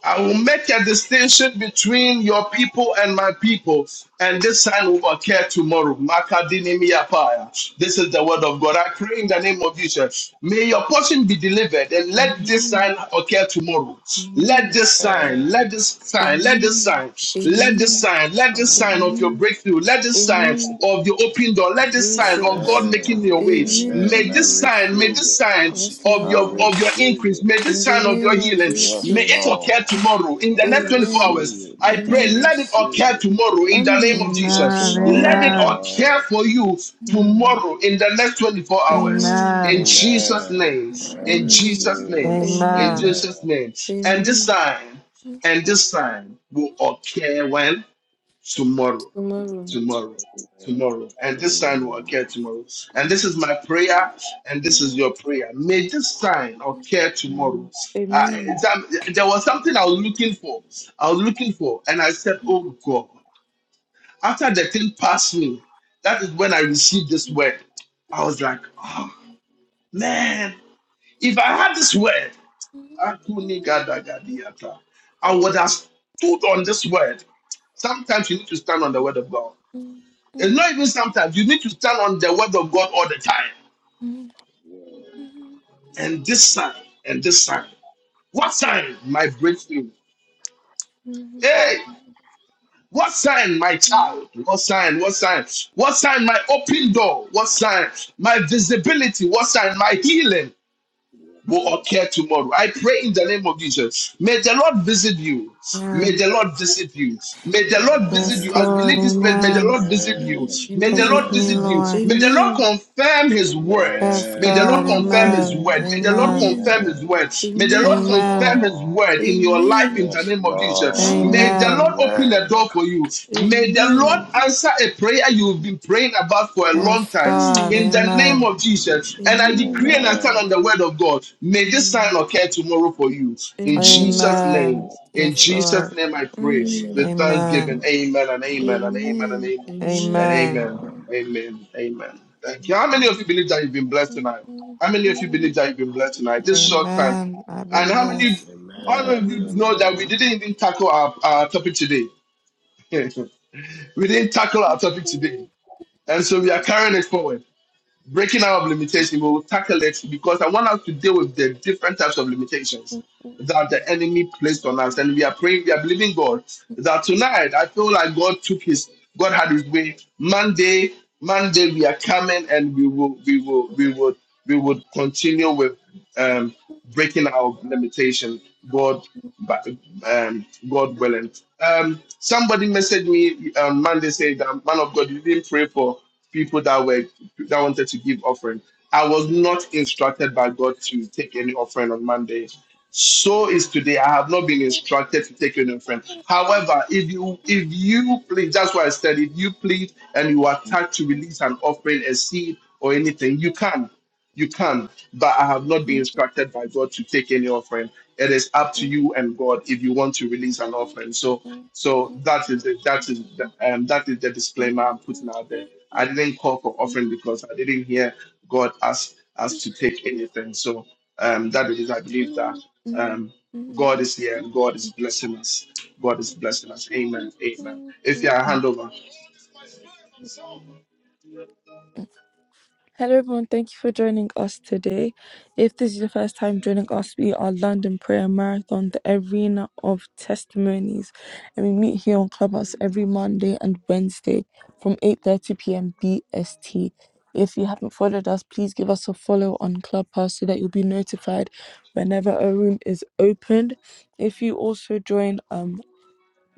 I will make a distinction between your people and my people, and this sign will occur tomorrow. Makadinimiapaya. This is the word of God. I pray in the name of Jesus. May your portion be delivered, and let this
Amen.
sign occur tomorrow. Let
Amen.
this sign, let
Amen.
this sign, let this sign, let this
Amen. Amen.
sign, let this sign of your
Amen.
breakthrough, let this sign
Amen.
of your open door, let this sign of God
Jesus.
making
Amen.
your way. May
Amen.
Amen.
I
this sign, may
receive
this
it.
sign
Yes,
of
I
your of
Lord.
your
[laughs]
receive
increase,
it.
may this
In the
sign of your
name of
healing,
Yes,
may it
Jesus.
occur
Lord.
tomorrow in the
I
next 24
Amen.
receive
hours.
it.
I
I
pray,
Amen.
let it
receive
occur
it.
tomorrow in the name of
Amen.
Amen.
Yes,
Jesus. Let
Amen.
it
Amen.
occur
Lord.
for you
Mm.
tomorrow in the next 24 hours.
Amen.
In
Amen.
Jesus'
Amen.
name,
Thank
I
you.
in
receive
Jesus'
Amen.
name,
it.
in
Amen.
Amen.
Jesus'
Amen.
name. And this
Amen.
sign, and this sign will occur when? Tomorrow
Tomorrow.
tomorrow tomorrow and this sign will
Amen.
occur tomorrow and this is
Mm.
my prayer and this is your prayer may this sign occur tomorrow
Mm.
uh,
Amen.
that- there was something i was looking for i was looking for and i said oh god after the thing passed me that is when i received this word i was like oh man if i had this word akunigadagadiata, i would have stood on this word sometimes you need to stand on the word of god it's not even sometimes. You need to stand on the word of God all the time. And this sign, and this sign. What sign? My breakthrough. Hey, what sign? My child. What sign? What sign? What sign? My open door. What sign? My visibility. What sign? My healing. will occur tomorrow. I pray in the name of Jesus. May the Lord visit you. May
Amen.
the Lord visit you.
Amen.
May the Lord visit
Yes,
you. As
Amen.
we
Lord.
leave this place, may the
Amen.
Lord visit you. May the
Visit
Lord
me,
visit you.
Amen.
Lord.
May the Lord
Amen.
confirm his word.
Yes,
May
Amen.
the
God.
Lord
Amen.
confirm
Amen.
his
Amen.
word. May the Lord
Amen.
Amen.
confirm his
Amen.
word. May the Lord
Yes,
Amen.
confirm his
Lord.
word in your life in
Amen.
the
Yes,
name of Jesus. May
Lord.
the
Amen.
Lord
Amen.
open a
Amen.
door for you.
Amen.
May the Lord answer a prayer you've
Amen.
been praying about for a long
Yes,
time
God.
in
Amen.
the name
Amen.
of Jesus.
Amen.
And I
Amen.
decree and I stand on
Amen.
the word of God. May this sign
Mm.
occur tomorrow for you in
Amen.
Amen.
Jesus' name.
Amen.
In
Yes,
Jesus'
Lord.
name, I pray with
Amen.
Amen.
thanksgiving.
Amen.
Amen and amen and amen and amen and
Amen.
Amen.
amen.
Amen.
Amen. Amen. Thank you. How many of you
Amen.
believe that you've been blessed tonight? How many of you believe that you've been blessed tonight? This short time.
Amen. I've
And
been
how
blessed.
many
Amen.
how many of
Amen.
Amen.
you know that we
Amen.
didn't even tackle our, our topic today? [laughs] We didn't tackle our topic today. And so we are carrying it forward. Breaking out of limitation, we will tackle it because I want us to deal with the different types of limitations that the enemy placed on us. And we are praying, we are believing God that tonight I feel like God took his God had his way. Monday, Monday we are coming and we will we will we will we will continue with um breaking our limitation. God but um God willing. Um somebody messaged me um Monday saying that man of God you didn't pray for people that were that wanted to give offering. I was not instructed by God to take any offering on Monday. So is today. I have not been instructed to take union friend. However, if you if you plead, that's why I said if you plead and you are tasked to release an offering, a seed, or anything, you can. You can. But I have not been instructed by God to take any offering. It is up to you and God if you want to release an offering. So so that is the, that is the, um, that is the disclaimer I'm putting
Mm-hmm.
out there. I didn't call for offering because I didn't hear God ask us to take anything. So um, that is, I believe that um, God is here and God is blessing us. God is blessing us. Amen. Amen. If you are hand over. God
Hello, everyone. Thank you for joining us today. If this is your first time joining us, we are London Prayer Marathon, the arena of testimonies, and we meet here on Clubhouse every Monday and Wednesday from 8:30 p.m. BST. If you haven't followed us, please give us a follow on Clubhouse so that you'll be notified whenever a room is opened. If you also join um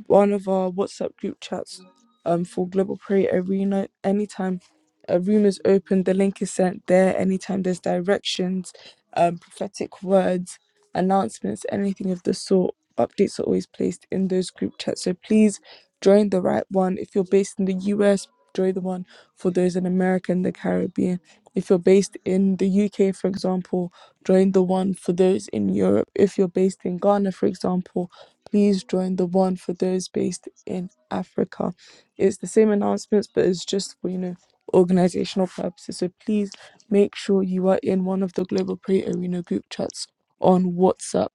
one of our WhatsApp group chats um, for Global Prayer Arena. Anytime a room is open, the link is sent there. Anytime there's directions, um, prophetic words, announcements, anything of the sort, updates are always placed in those group chats. So please join the right one. If you're based in the US, join the one for those in America and the Caribbean. If you're based in the UK, for example, join the one for those in Europe. If you're based in Ghana, for example, Please join the one for those based in Africa. It's the same announcements, but it's just for, you know, organizational purposes. So please make sure you are in one of the Global Prayer Arena group chats on WhatsApp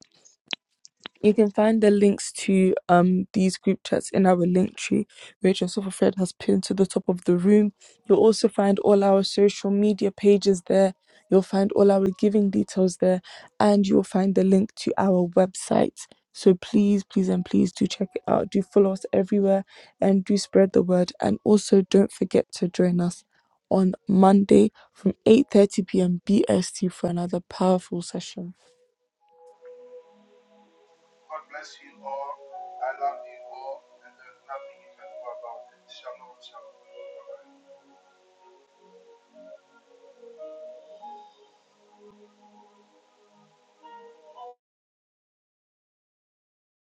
you can find the links to um these group chats in our link tree, which Yourself a Friend has pinned to the top of the room. You'll also find all our social media pages there. You'll find all our giving details there, and you'll find the link to our website. So please, please, and please do check it out. Do follow us everywhere, and do spread the word. And also, don't forget to join us on Monday from 8:30 p.m. BST for another powerful session.
bless you all. I love you all. And there's nothing you can do about it. Shalom, shalom.